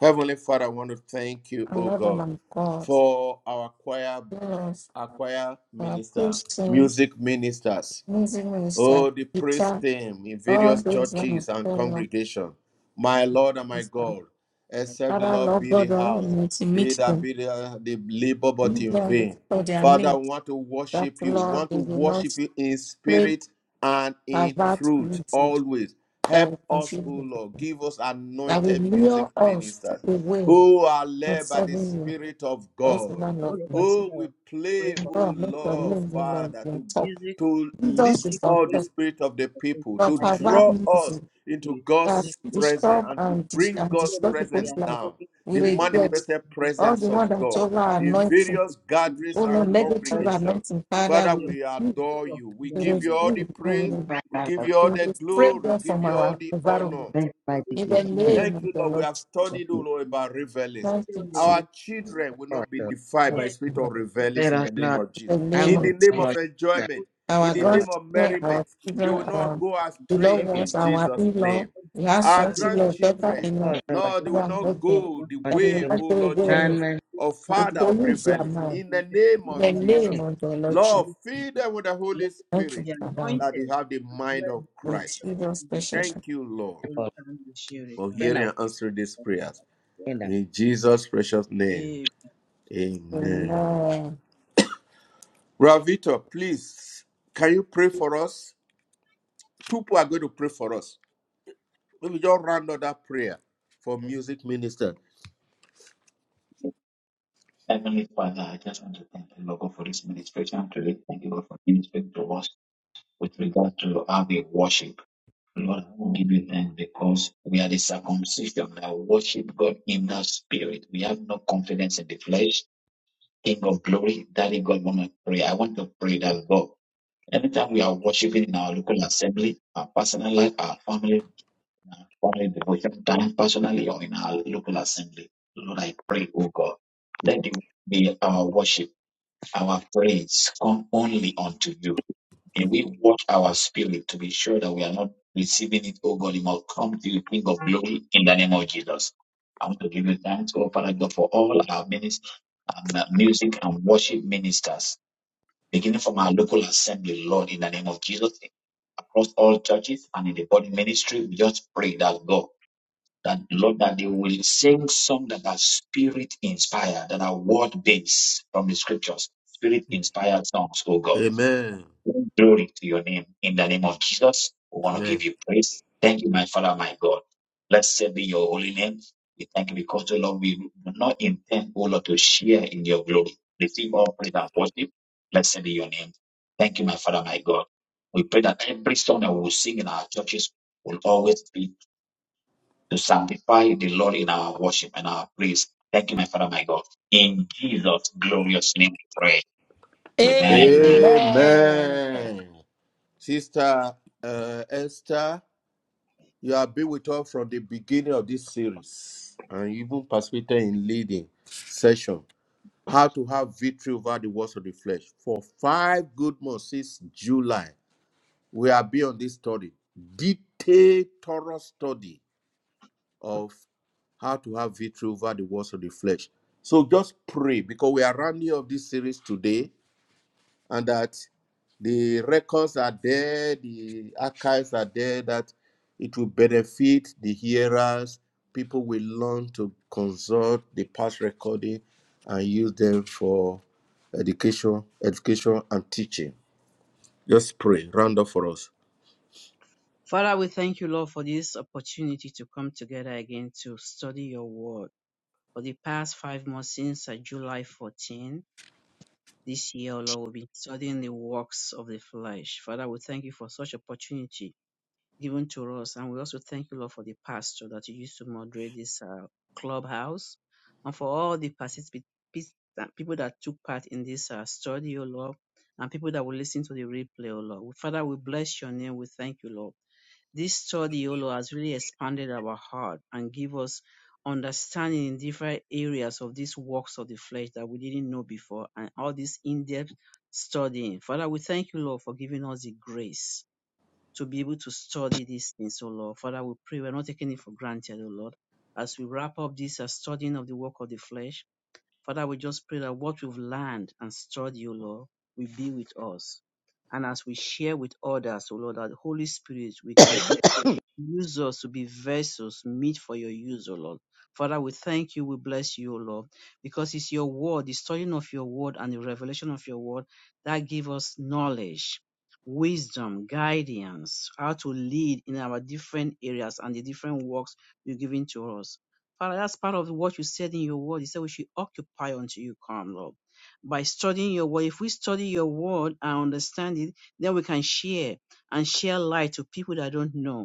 Speaker 1: Heavenly Father, I want to thank you,
Speaker 3: I
Speaker 1: oh
Speaker 3: love and
Speaker 1: God,
Speaker 3: I'm God.
Speaker 1: for our choir,
Speaker 3: Yes,
Speaker 1: our choir
Speaker 3: uh,
Speaker 1: minister,
Speaker 3: Christians,
Speaker 1: music ministers.
Speaker 3: music minister,
Speaker 1: Oh, the praise
Speaker 3: teacher,
Speaker 1: team in
Speaker 3: all
Speaker 1: various
Speaker 3: those one of
Speaker 1: churches and
Speaker 3: God of
Speaker 1: congregation. My Lord and my
Speaker 3: wisdom.
Speaker 1: God, except the
Speaker 3: Father,
Speaker 1: Lord
Speaker 3: Lord
Speaker 1: build the
Speaker 3: God,
Speaker 1: house,
Speaker 3: Almighty, to
Speaker 1: they
Speaker 3: meet
Speaker 1: that
Speaker 3: them.
Speaker 1: build the, the labor but
Speaker 3: Meet
Speaker 1: in
Speaker 3: them
Speaker 1: vain.
Speaker 3: for their
Speaker 1: Father, we
Speaker 3: needs.
Speaker 1: want to
Speaker 3: That
Speaker 1: worship you. We
Speaker 3: Lord,
Speaker 1: want to
Speaker 3: they will not
Speaker 1: worship you in
Speaker 3: play
Speaker 1: spirit and in
Speaker 3: pervert
Speaker 1: truth
Speaker 3: music
Speaker 1: always.
Speaker 3: that
Speaker 1: Help
Speaker 3: will
Speaker 1: us,
Speaker 3: confuse
Speaker 1: O
Speaker 3: them.
Speaker 1: Lord. Give us
Speaker 3: that will
Speaker 1: anointed music
Speaker 3: lure us
Speaker 1: ministers
Speaker 3: away
Speaker 1: who are
Speaker 3: from
Speaker 1: led by the
Speaker 3: serving you.
Speaker 1: Spirit of
Speaker 3: Those who
Speaker 1: God.
Speaker 3: don't
Speaker 2: All
Speaker 3: love
Speaker 2: of
Speaker 3: me.
Speaker 2: us
Speaker 1: Oh, we
Speaker 2: uh, pray
Speaker 1: play,
Speaker 2: for
Speaker 3: And
Speaker 2: our
Speaker 1: oh
Speaker 3: God, make your
Speaker 1: Lord,
Speaker 2: Christian
Speaker 3: name be on
Speaker 1: Father,
Speaker 3: your
Speaker 1: to,
Speaker 3: top.
Speaker 2: music.
Speaker 1: to
Speaker 3: Jesus
Speaker 1: lift
Speaker 3: is
Speaker 2: People
Speaker 3: on
Speaker 1: all the
Speaker 3: top.
Speaker 2: praying for
Speaker 1: spirit of
Speaker 2: the
Speaker 1: the
Speaker 2: person
Speaker 1: people,
Speaker 3: Lord,
Speaker 1: to
Speaker 2: hide them
Speaker 3: pervert
Speaker 2: with
Speaker 1: draw
Speaker 2: the
Speaker 1: us
Speaker 3: music
Speaker 1: into
Speaker 2: spirit. Fill
Speaker 3: that
Speaker 2: them with
Speaker 1: God's
Speaker 2: your spirit.
Speaker 1: presence
Speaker 3: disturb
Speaker 1: and to
Speaker 3: and, dis-
Speaker 1: bring
Speaker 3: and
Speaker 2: Show
Speaker 1: God's
Speaker 3: destroy
Speaker 2: them they
Speaker 3: people's
Speaker 1: presence
Speaker 2: are
Speaker 3: life.
Speaker 1: down,
Speaker 2: talking
Speaker 3: We
Speaker 1: the
Speaker 4: If
Speaker 2: to
Speaker 4: you
Speaker 2: Jesus. They need
Speaker 3: regret
Speaker 2: to
Speaker 1: manifested
Speaker 2: be to
Speaker 3: all the
Speaker 1: presence
Speaker 3: one
Speaker 1: of
Speaker 3: that
Speaker 1: God
Speaker 3: over our
Speaker 2: Jesus. They
Speaker 1: in
Speaker 2: need to
Speaker 3: anointing.
Speaker 2: be
Speaker 1: various
Speaker 2: to Jesus
Speaker 1: gatherings
Speaker 3: Oh,
Speaker 1: and
Speaker 3: no,
Speaker 2: where they are
Speaker 3: negative
Speaker 2: saved.
Speaker 1: congregations.
Speaker 3: anointing,
Speaker 2: Not to
Speaker 3: Father.
Speaker 1: Father,
Speaker 2: pray of
Speaker 3: We
Speaker 1: we
Speaker 3: refuse.
Speaker 1: adore you.
Speaker 2: put
Speaker 1: We
Speaker 3: We
Speaker 2: them on
Speaker 1: give you
Speaker 2: them
Speaker 1: all the
Speaker 3: refuse. and We
Speaker 2: and
Speaker 1: praise.
Speaker 3: re-
Speaker 2: guide
Speaker 1: We
Speaker 2: them
Speaker 1: give
Speaker 2: in Jesus.
Speaker 1: you
Speaker 3: we
Speaker 1: all the
Speaker 3: refrain
Speaker 1: glory. We
Speaker 3: them
Speaker 2: Keep it
Speaker 1: give
Speaker 3: from
Speaker 1: you
Speaker 2: going.
Speaker 1: all
Speaker 3: our
Speaker 1: the
Speaker 2: Keep it going.
Speaker 1: honor.
Speaker 3: environment.
Speaker 4: thank mighty
Speaker 3: In
Speaker 2: Music
Speaker 4: King
Speaker 3: the
Speaker 2: as
Speaker 4: of
Speaker 2: a
Speaker 4: Kings.
Speaker 2: ministry
Speaker 3: name
Speaker 1: Thank
Speaker 3: of
Speaker 1: you,
Speaker 3: the
Speaker 1: Lord. We
Speaker 3: Lord
Speaker 1: have
Speaker 3: Jesus.
Speaker 1: studied,
Speaker 4: you
Speaker 1: all Lord, about revelings.
Speaker 3: Thank
Speaker 1: Our
Speaker 3: you,
Speaker 1: children will
Speaker 4: Lord,
Speaker 1: not be defiled by
Speaker 2: Yes,
Speaker 1: spirit
Speaker 2: we
Speaker 1: of
Speaker 3: Jesus.
Speaker 2: have
Speaker 1: revelings
Speaker 4: Let
Speaker 1: in
Speaker 4: us
Speaker 1: the name
Speaker 4: not
Speaker 1: of
Speaker 3: the
Speaker 1: Jesus.
Speaker 3: name
Speaker 1: In
Speaker 2: all
Speaker 1: the
Speaker 3: of
Speaker 4: angle the
Speaker 1: name
Speaker 3: Jesus.
Speaker 1: of
Speaker 4: Lord,
Speaker 2: of the
Speaker 4: Jesus,
Speaker 2: people
Speaker 1: enjoyment,
Speaker 2: that
Speaker 1: in
Speaker 3: Our
Speaker 4: O
Speaker 1: the
Speaker 4: Lord,
Speaker 1: name of
Speaker 3: grandchildren,
Speaker 2: we
Speaker 3: our
Speaker 1: merriment, they
Speaker 3: children,
Speaker 2: expect
Speaker 1: will not
Speaker 3: our
Speaker 1: go
Speaker 3: beloved
Speaker 1: astray
Speaker 4: Savior,
Speaker 3: ones,
Speaker 1: in
Speaker 3: our
Speaker 2: They
Speaker 1: Jesus'
Speaker 3: in-law,
Speaker 1: name.
Speaker 3: last
Speaker 1: Our
Speaker 2: have
Speaker 3: sons,
Speaker 2: it
Speaker 3: in-law,
Speaker 2: all in
Speaker 1: grandchildren,
Speaker 3: daughter-in-law,
Speaker 4: Lord,
Speaker 2: the
Speaker 1: Lord, they will
Speaker 3: our
Speaker 1: not
Speaker 2: end.
Speaker 3: husband,
Speaker 2: We
Speaker 1: go
Speaker 2: want
Speaker 1: the
Speaker 2: to
Speaker 3: that they
Speaker 2: see
Speaker 1: way,
Speaker 3: will not
Speaker 1: O
Speaker 3: go
Speaker 1: Lord
Speaker 2: it.
Speaker 3: away
Speaker 4: and
Speaker 1: Jesus,
Speaker 4: man,
Speaker 1: of
Speaker 3: to
Speaker 2: At
Speaker 1: father of
Speaker 2: least we
Speaker 3: pollute
Speaker 2: do
Speaker 3: your
Speaker 1: revelings.
Speaker 2: the
Speaker 3: mind.
Speaker 1: In the
Speaker 2: project
Speaker 1: name
Speaker 3: In
Speaker 2: that
Speaker 3: the
Speaker 1: of
Speaker 3: name
Speaker 1: Jesus,
Speaker 3: of the
Speaker 2: the
Speaker 3: Lord Jesus.
Speaker 1: Lord,
Speaker 2: project
Speaker 1: feed
Speaker 2: today.
Speaker 1: them with the
Speaker 2: We
Speaker 1: Holy
Speaker 2: have
Speaker 3: Thank you,
Speaker 1: Spirit
Speaker 2: be
Speaker 3: Father.
Speaker 1: that they
Speaker 2: anointed
Speaker 1: have the
Speaker 2: and
Speaker 1: mind
Speaker 2: bless
Speaker 1: of
Speaker 2: the
Speaker 3: In
Speaker 1: Christ.
Speaker 2: nation of
Speaker 3: Jesus' special.
Speaker 2: Jesus.
Speaker 1: Thank you, Lord
Speaker 2: All
Speaker 4: people,
Speaker 2: kind of share
Speaker 1: for
Speaker 2: and
Speaker 4: in
Speaker 2: the
Speaker 1: hearing
Speaker 4: our
Speaker 1: and answering these prayers.
Speaker 4: kingdom.
Speaker 1: In Jesus' precious name.
Speaker 2: Amen.
Speaker 3: name.
Speaker 1: Amen.
Speaker 3: Amen.
Speaker 1: Ravito, please, can you pray for us? Two people are going to pray for us. Let me just round up that prayer for music minister.
Speaker 5: Heavenly Father, I just want to thank you, Lord, God, for this ministration today. Thank you, Lord, for ministering to us with regard to how we worship. Lord, I will give you thanks because we are the circumcision that worship God in the spirit. We have no confidence in the flesh. King of glory, Daddy God, want to pray. I want to pray that God, anytime we are worshiping in our local assembly, our personal life, our family, our family devotion time, personally or in our local assembly, Lord, I pray, oh God, let it be our worship, our praise come only unto you. And we watch our spirit to be sure that we are not receiving it, oh God, it must come to you, King of glory, in the name of Jesus. I want to give you thanks, oh Father God, for all our ministers and uh, music and worship ministers, beginning from our local assembly, Lord, in the name of Jesus, across all churches and in the body ministry. We just pray that God, that Lord, that they will sing songs that are spirit inspired, that are word based from the scriptures, spirit inspired songs, oh God.
Speaker 1: Amen.
Speaker 5: Glory to your name. In the name of Jesus, we want to
Speaker 1: Amen.
Speaker 5: give you praise. Thank you, my Father, my God. Blessed be your holy name. We thank you because, oh Lord, we do not intend, oh Lord, to share in your glory. Receive all praise and worship. Blessed be your name. Thank you, my Father, my God. We pray that every song that we will sing in our churches will always be to sanctify the Lord in our worship and our praise. Thank you, my Father, my God. In Jesus' glorious name we pray. Amen.
Speaker 2: Amen.
Speaker 3: Amen.
Speaker 6: Yeah.
Speaker 1: Amen. Sister uh, Esther, you have been with us from the beginning of this series and even participated in leading session. How to have victory over the works of the flesh. For five good months since July, we are been on this study, detailed, thorough study of how to have victory over the works of the flesh. So just pray because we are rounding up this series today and that the records are there, the archives are there, that it will benefit the hearers. People will learn to consult the past recording and use them for education, education and teaching. Just pray, round up for us.
Speaker 2: Father, we thank you, Lord, for this opportunity to come together again to study your word. For the past five months since uh, July 14 this year, Lord, we've been studying the works of the flesh. Father, we thank you for such opportunity given to us. And we also thank you, Lord, for the pastor that you used to moderate this uh, clubhouse and for all the particip- pis- that- people that took part in this uh, study, O Lord, and people that will listen to the replay, O Lord. Father, we bless your name. We thank you, Lord. This study, O Lord, has really expanded our heart and give us understanding in different areas of these works of the flesh that we didn't know before and all this in-depth studying. Father, we thank you, Lord, for giving us the grace to be able to study these things, oh Lord. Father, we pray we're not taking it for granted, oh Lord. As we wrap up this uh, studying of the work of the flesh, Father, we just pray that what we've learned and studied, oh Lord, will be with us. And as we share with others, oh Lord, that the Holy Spirit will continue Use us to be vessels meet for your use, O Lord. Father, we thank you, we bless you, O Lord, because it's your word, the studying of your word and the revelation of your word that give us knowledge, wisdom, guidance, how to lead in our different areas and the different works you're giving to us. Father, that's part of what you said in your word. You said we should occupy until you come, Lord. By studying your word, if we study your word and understand it, then we can share and share light to people that don't know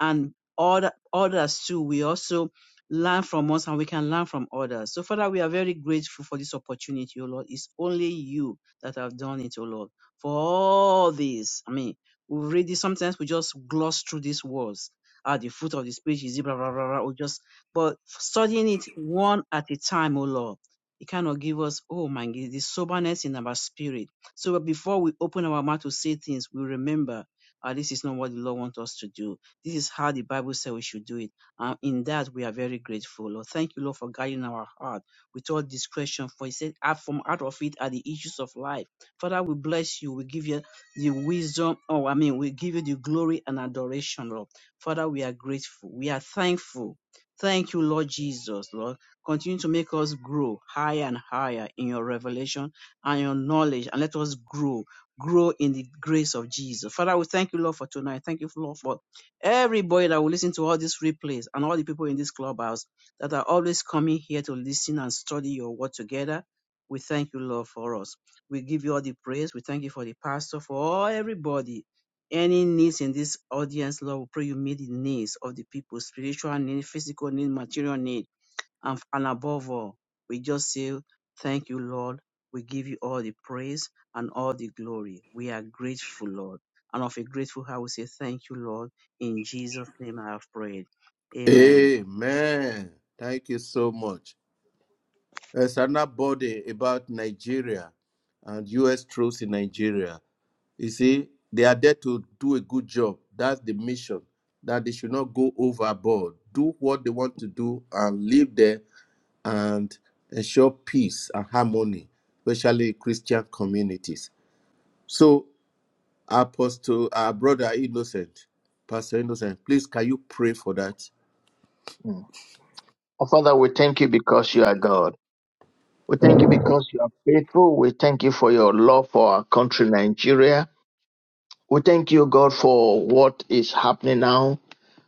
Speaker 2: and other, others too we also learn from us and we can learn from others. So Father, we are very grateful for this opportunity, O Lord. It's only you that have done it, O Lord. For all this, I mean, we read this sometimes we just gloss through these words. At the fruit of the speech is it, blah blah blah blah or just but studying it one at a time, O Lord. It cannot give us, oh my God, the soberness in our spirit. So before we open our mouth to say things, we remember, ah, this is not what the Lord wants us to do. This is how the Bible said we should do it. And in that, we are very grateful, Lord. Thank you, Lord, for guiding our heart with all discretion. For He said, "Out from out of it are the issues of life. Father, we bless you. We give you the wisdom, Oh, I mean, we give you the glory and adoration, Lord. Father, we are grateful. We are thankful. Thank you, Lord Jesus, Lord. Continue to make us grow higher and higher in your revelation and your knowledge, and let us grow grow in the grace of Jesus. Father, we thank you, Lord, for tonight. Thank you, Lord, for Everybody that will listen to all these replays and all the people in this clubhouse that are always coming here to listen and study your word together. We thank you, Lord, for us. We give you all the praise. We thank you for the pastor, for all everybody. Any needs in this audience, Lord, we pray you meet the needs of the people, spiritual need, physical need, material need and, and above all, we just say, Thank you, Lord. We give you all the praise and all the glory. We are grateful, Lord. And of a grateful heart, we say, Thank you, Lord. In Jesus' name I have prayed. Amen.
Speaker 1: Amen. Thank you so much. There's another body about Nigeria and US troops in Nigeria. You see, they are there to do a good job. That's the mission. That they should not go overboard. Do what they want to do and live there and ensure peace and harmony, especially Christian communities. So, Apostle, our brother Innocent, Pastor Innocent, please can you pray for that?
Speaker 6: Mm. Oh, Father, we thank you because you are God. We thank you because you are faithful. We thank you for your love for our country, Nigeria. We thank you, God, for what is happening now.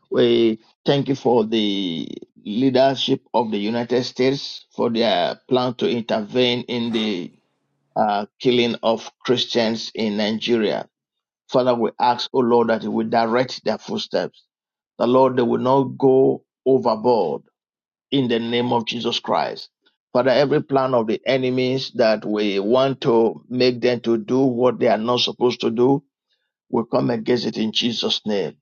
Speaker 6: We thank you for the leadership of the United States for their plan to intervene in the uh, killing of Christians in Nigeria. Father, we ask, O Lord, that you will direct their footsteps. The Lord, they will not go overboard in the name of Jesus Christ. Father, every plan of the enemies that we want to make them to do what they are not supposed to do, we come against it in Jesus' name.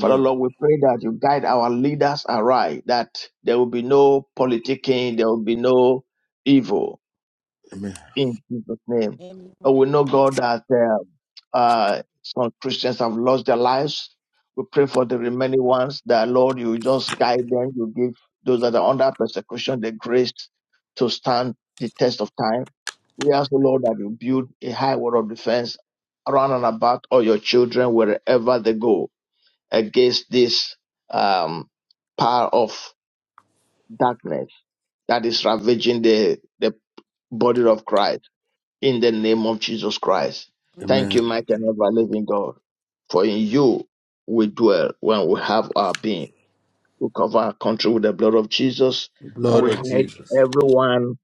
Speaker 6: Father, Lord, we pray that you guide our leaders aright, that there will be no politicking, there will be no evil,
Speaker 1: Amen.
Speaker 6: in Jesus' name.
Speaker 3: Amen.
Speaker 6: And we know, God, that uh, uh, some Christians have lost their lives. We pray for the remaining ones that, Lord, you just guide them. You give those that are under persecution the grace to stand the test of time. We ask, the Lord, that you build a high wall of defense around and about all your children wherever they go against this um, power of darkness that is ravaging the, the body of Christ in the name of Jesus Christ.
Speaker 3: Amen.
Speaker 6: Thank
Speaker 1: Amen.
Speaker 6: you, mighty and ever living God, for in you we dwell when we have our being. We cover our country with the blood of Jesus and
Speaker 1: Blood
Speaker 3: Glory.
Speaker 6: we
Speaker 1: of
Speaker 6: hide
Speaker 1: Jesus.
Speaker 6: everyone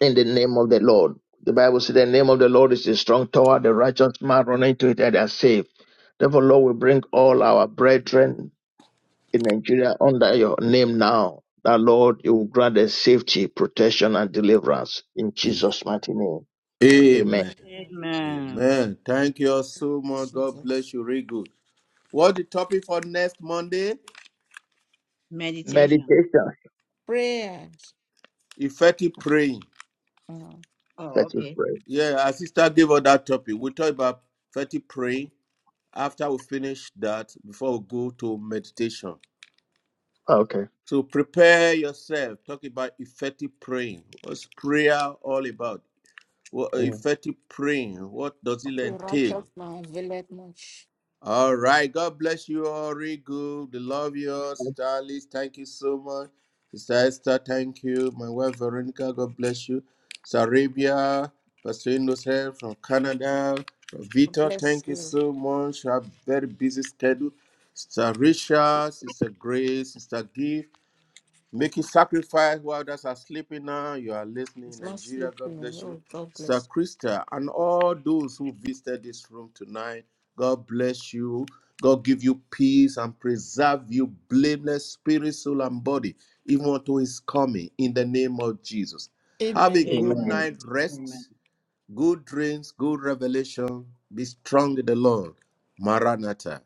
Speaker 6: in the name of the Lord. The Bible says the name of the Lord is a strong tower, the righteous man run into it and they are saved. Therefore, Lord, we bring all our brethren in Nigeria under your name now. That Lord, you will grant us safety, protection, and deliverance in
Speaker 1: Mm.
Speaker 6: Jesus' mighty name. Amen.
Speaker 1: Amen.
Speaker 3: Amen.
Speaker 2: Amen.
Speaker 1: Amen. Thank you so much. God bless
Speaker 3: Jesus.
Speaker 1: you. Very good. What the topic for next Monday?
Speaker 2: Meditation.
Speaker 6: Meditation.
Speaker 3: Prayers.
Speaker 1: Effective praying.
Speaker 3: Mm.
Speaker 2: Oh,
Speaker 6: That's your
Speaker 2: okay.
Speaker 6: phrase.
Speaker 1: Yeah, our sister gave us that topic. We'll talk about effective praying after we finish that before we go to meditation.
Speaker 6: okay.
Speaker 1: So prepare yourself. Talk about effective praying. What's prayer all about? What uh,
Speaker 6: Amen.
Speaker 1: effective praying? What does
Speaker 3: Of
Speaker 1: it
Speaker 3: a righteous
Speaker 1: entail?
Speaker 3: man availeth much.
Speaker 1: All right. God bless you all. Real good. We love you all. Sister Alice, thank you so much. Sister Esther, thank you. My wife Veronica, God bless you. Sarabia, Pastor Innocent from Canada.
Speaker 3: God
Speaker 1: Victor.
Speaker 3: bless
Speaker 1: thank you
Speaker 3: you.
Speaker 1: so much. I have very busy schedule. Sister Risha, Sister Grace, Sister Gift making sacrifice while others are sleeping now. You are listening
Speaker 3: He's
Speaker 1: in
Speaker 3: not
Speaker 1: Nigeria. God
Speaker 3: sleeping.
Speaker 1: bless you.
Speaker 3: Oh, God
Speaker 1: Sir
Speaker 3: bless
Speaker 1: Krista and all those who visited this room tonight. God bless you. God give you peace and preserve you blameless spirit, soul, and body, even unto his coming in the name of Jesus.
Speaker 3: you.
Speaker 1: Have a
Speaker 3: Amen.
Speaker 1: good
Speaker 2: Amen.
Speaker 6: Amen.
Speaker 1: night
Speaker 2: Amen.
Speaker 1: rest, good dreams, good revelation. Be strong in the Lord. Maranatha.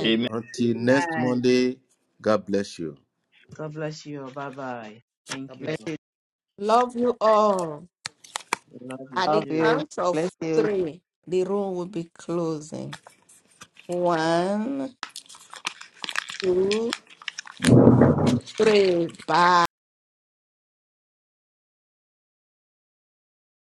Speaker 6: Amen.
Speaker 1: Until next
Speaker 2: Amen.
Speaker 1: Monday, God bless you.
Speaker 2: God bless you. Bye bye. Thank
Speaker 4: God
Speaker 2: you.
Speaker 4: bless you.
Speaker 3: Love you all.
Speaker 2: Love you
Speaker 3: At
Speaker 4: Love
Speaker 3: the
Speaker 2: too.
Speaker 4: you.
Speaker 3: count of
Speaker 4: Bless you.
Speaker 3: three, the room will be closing. One, two, three. Bye.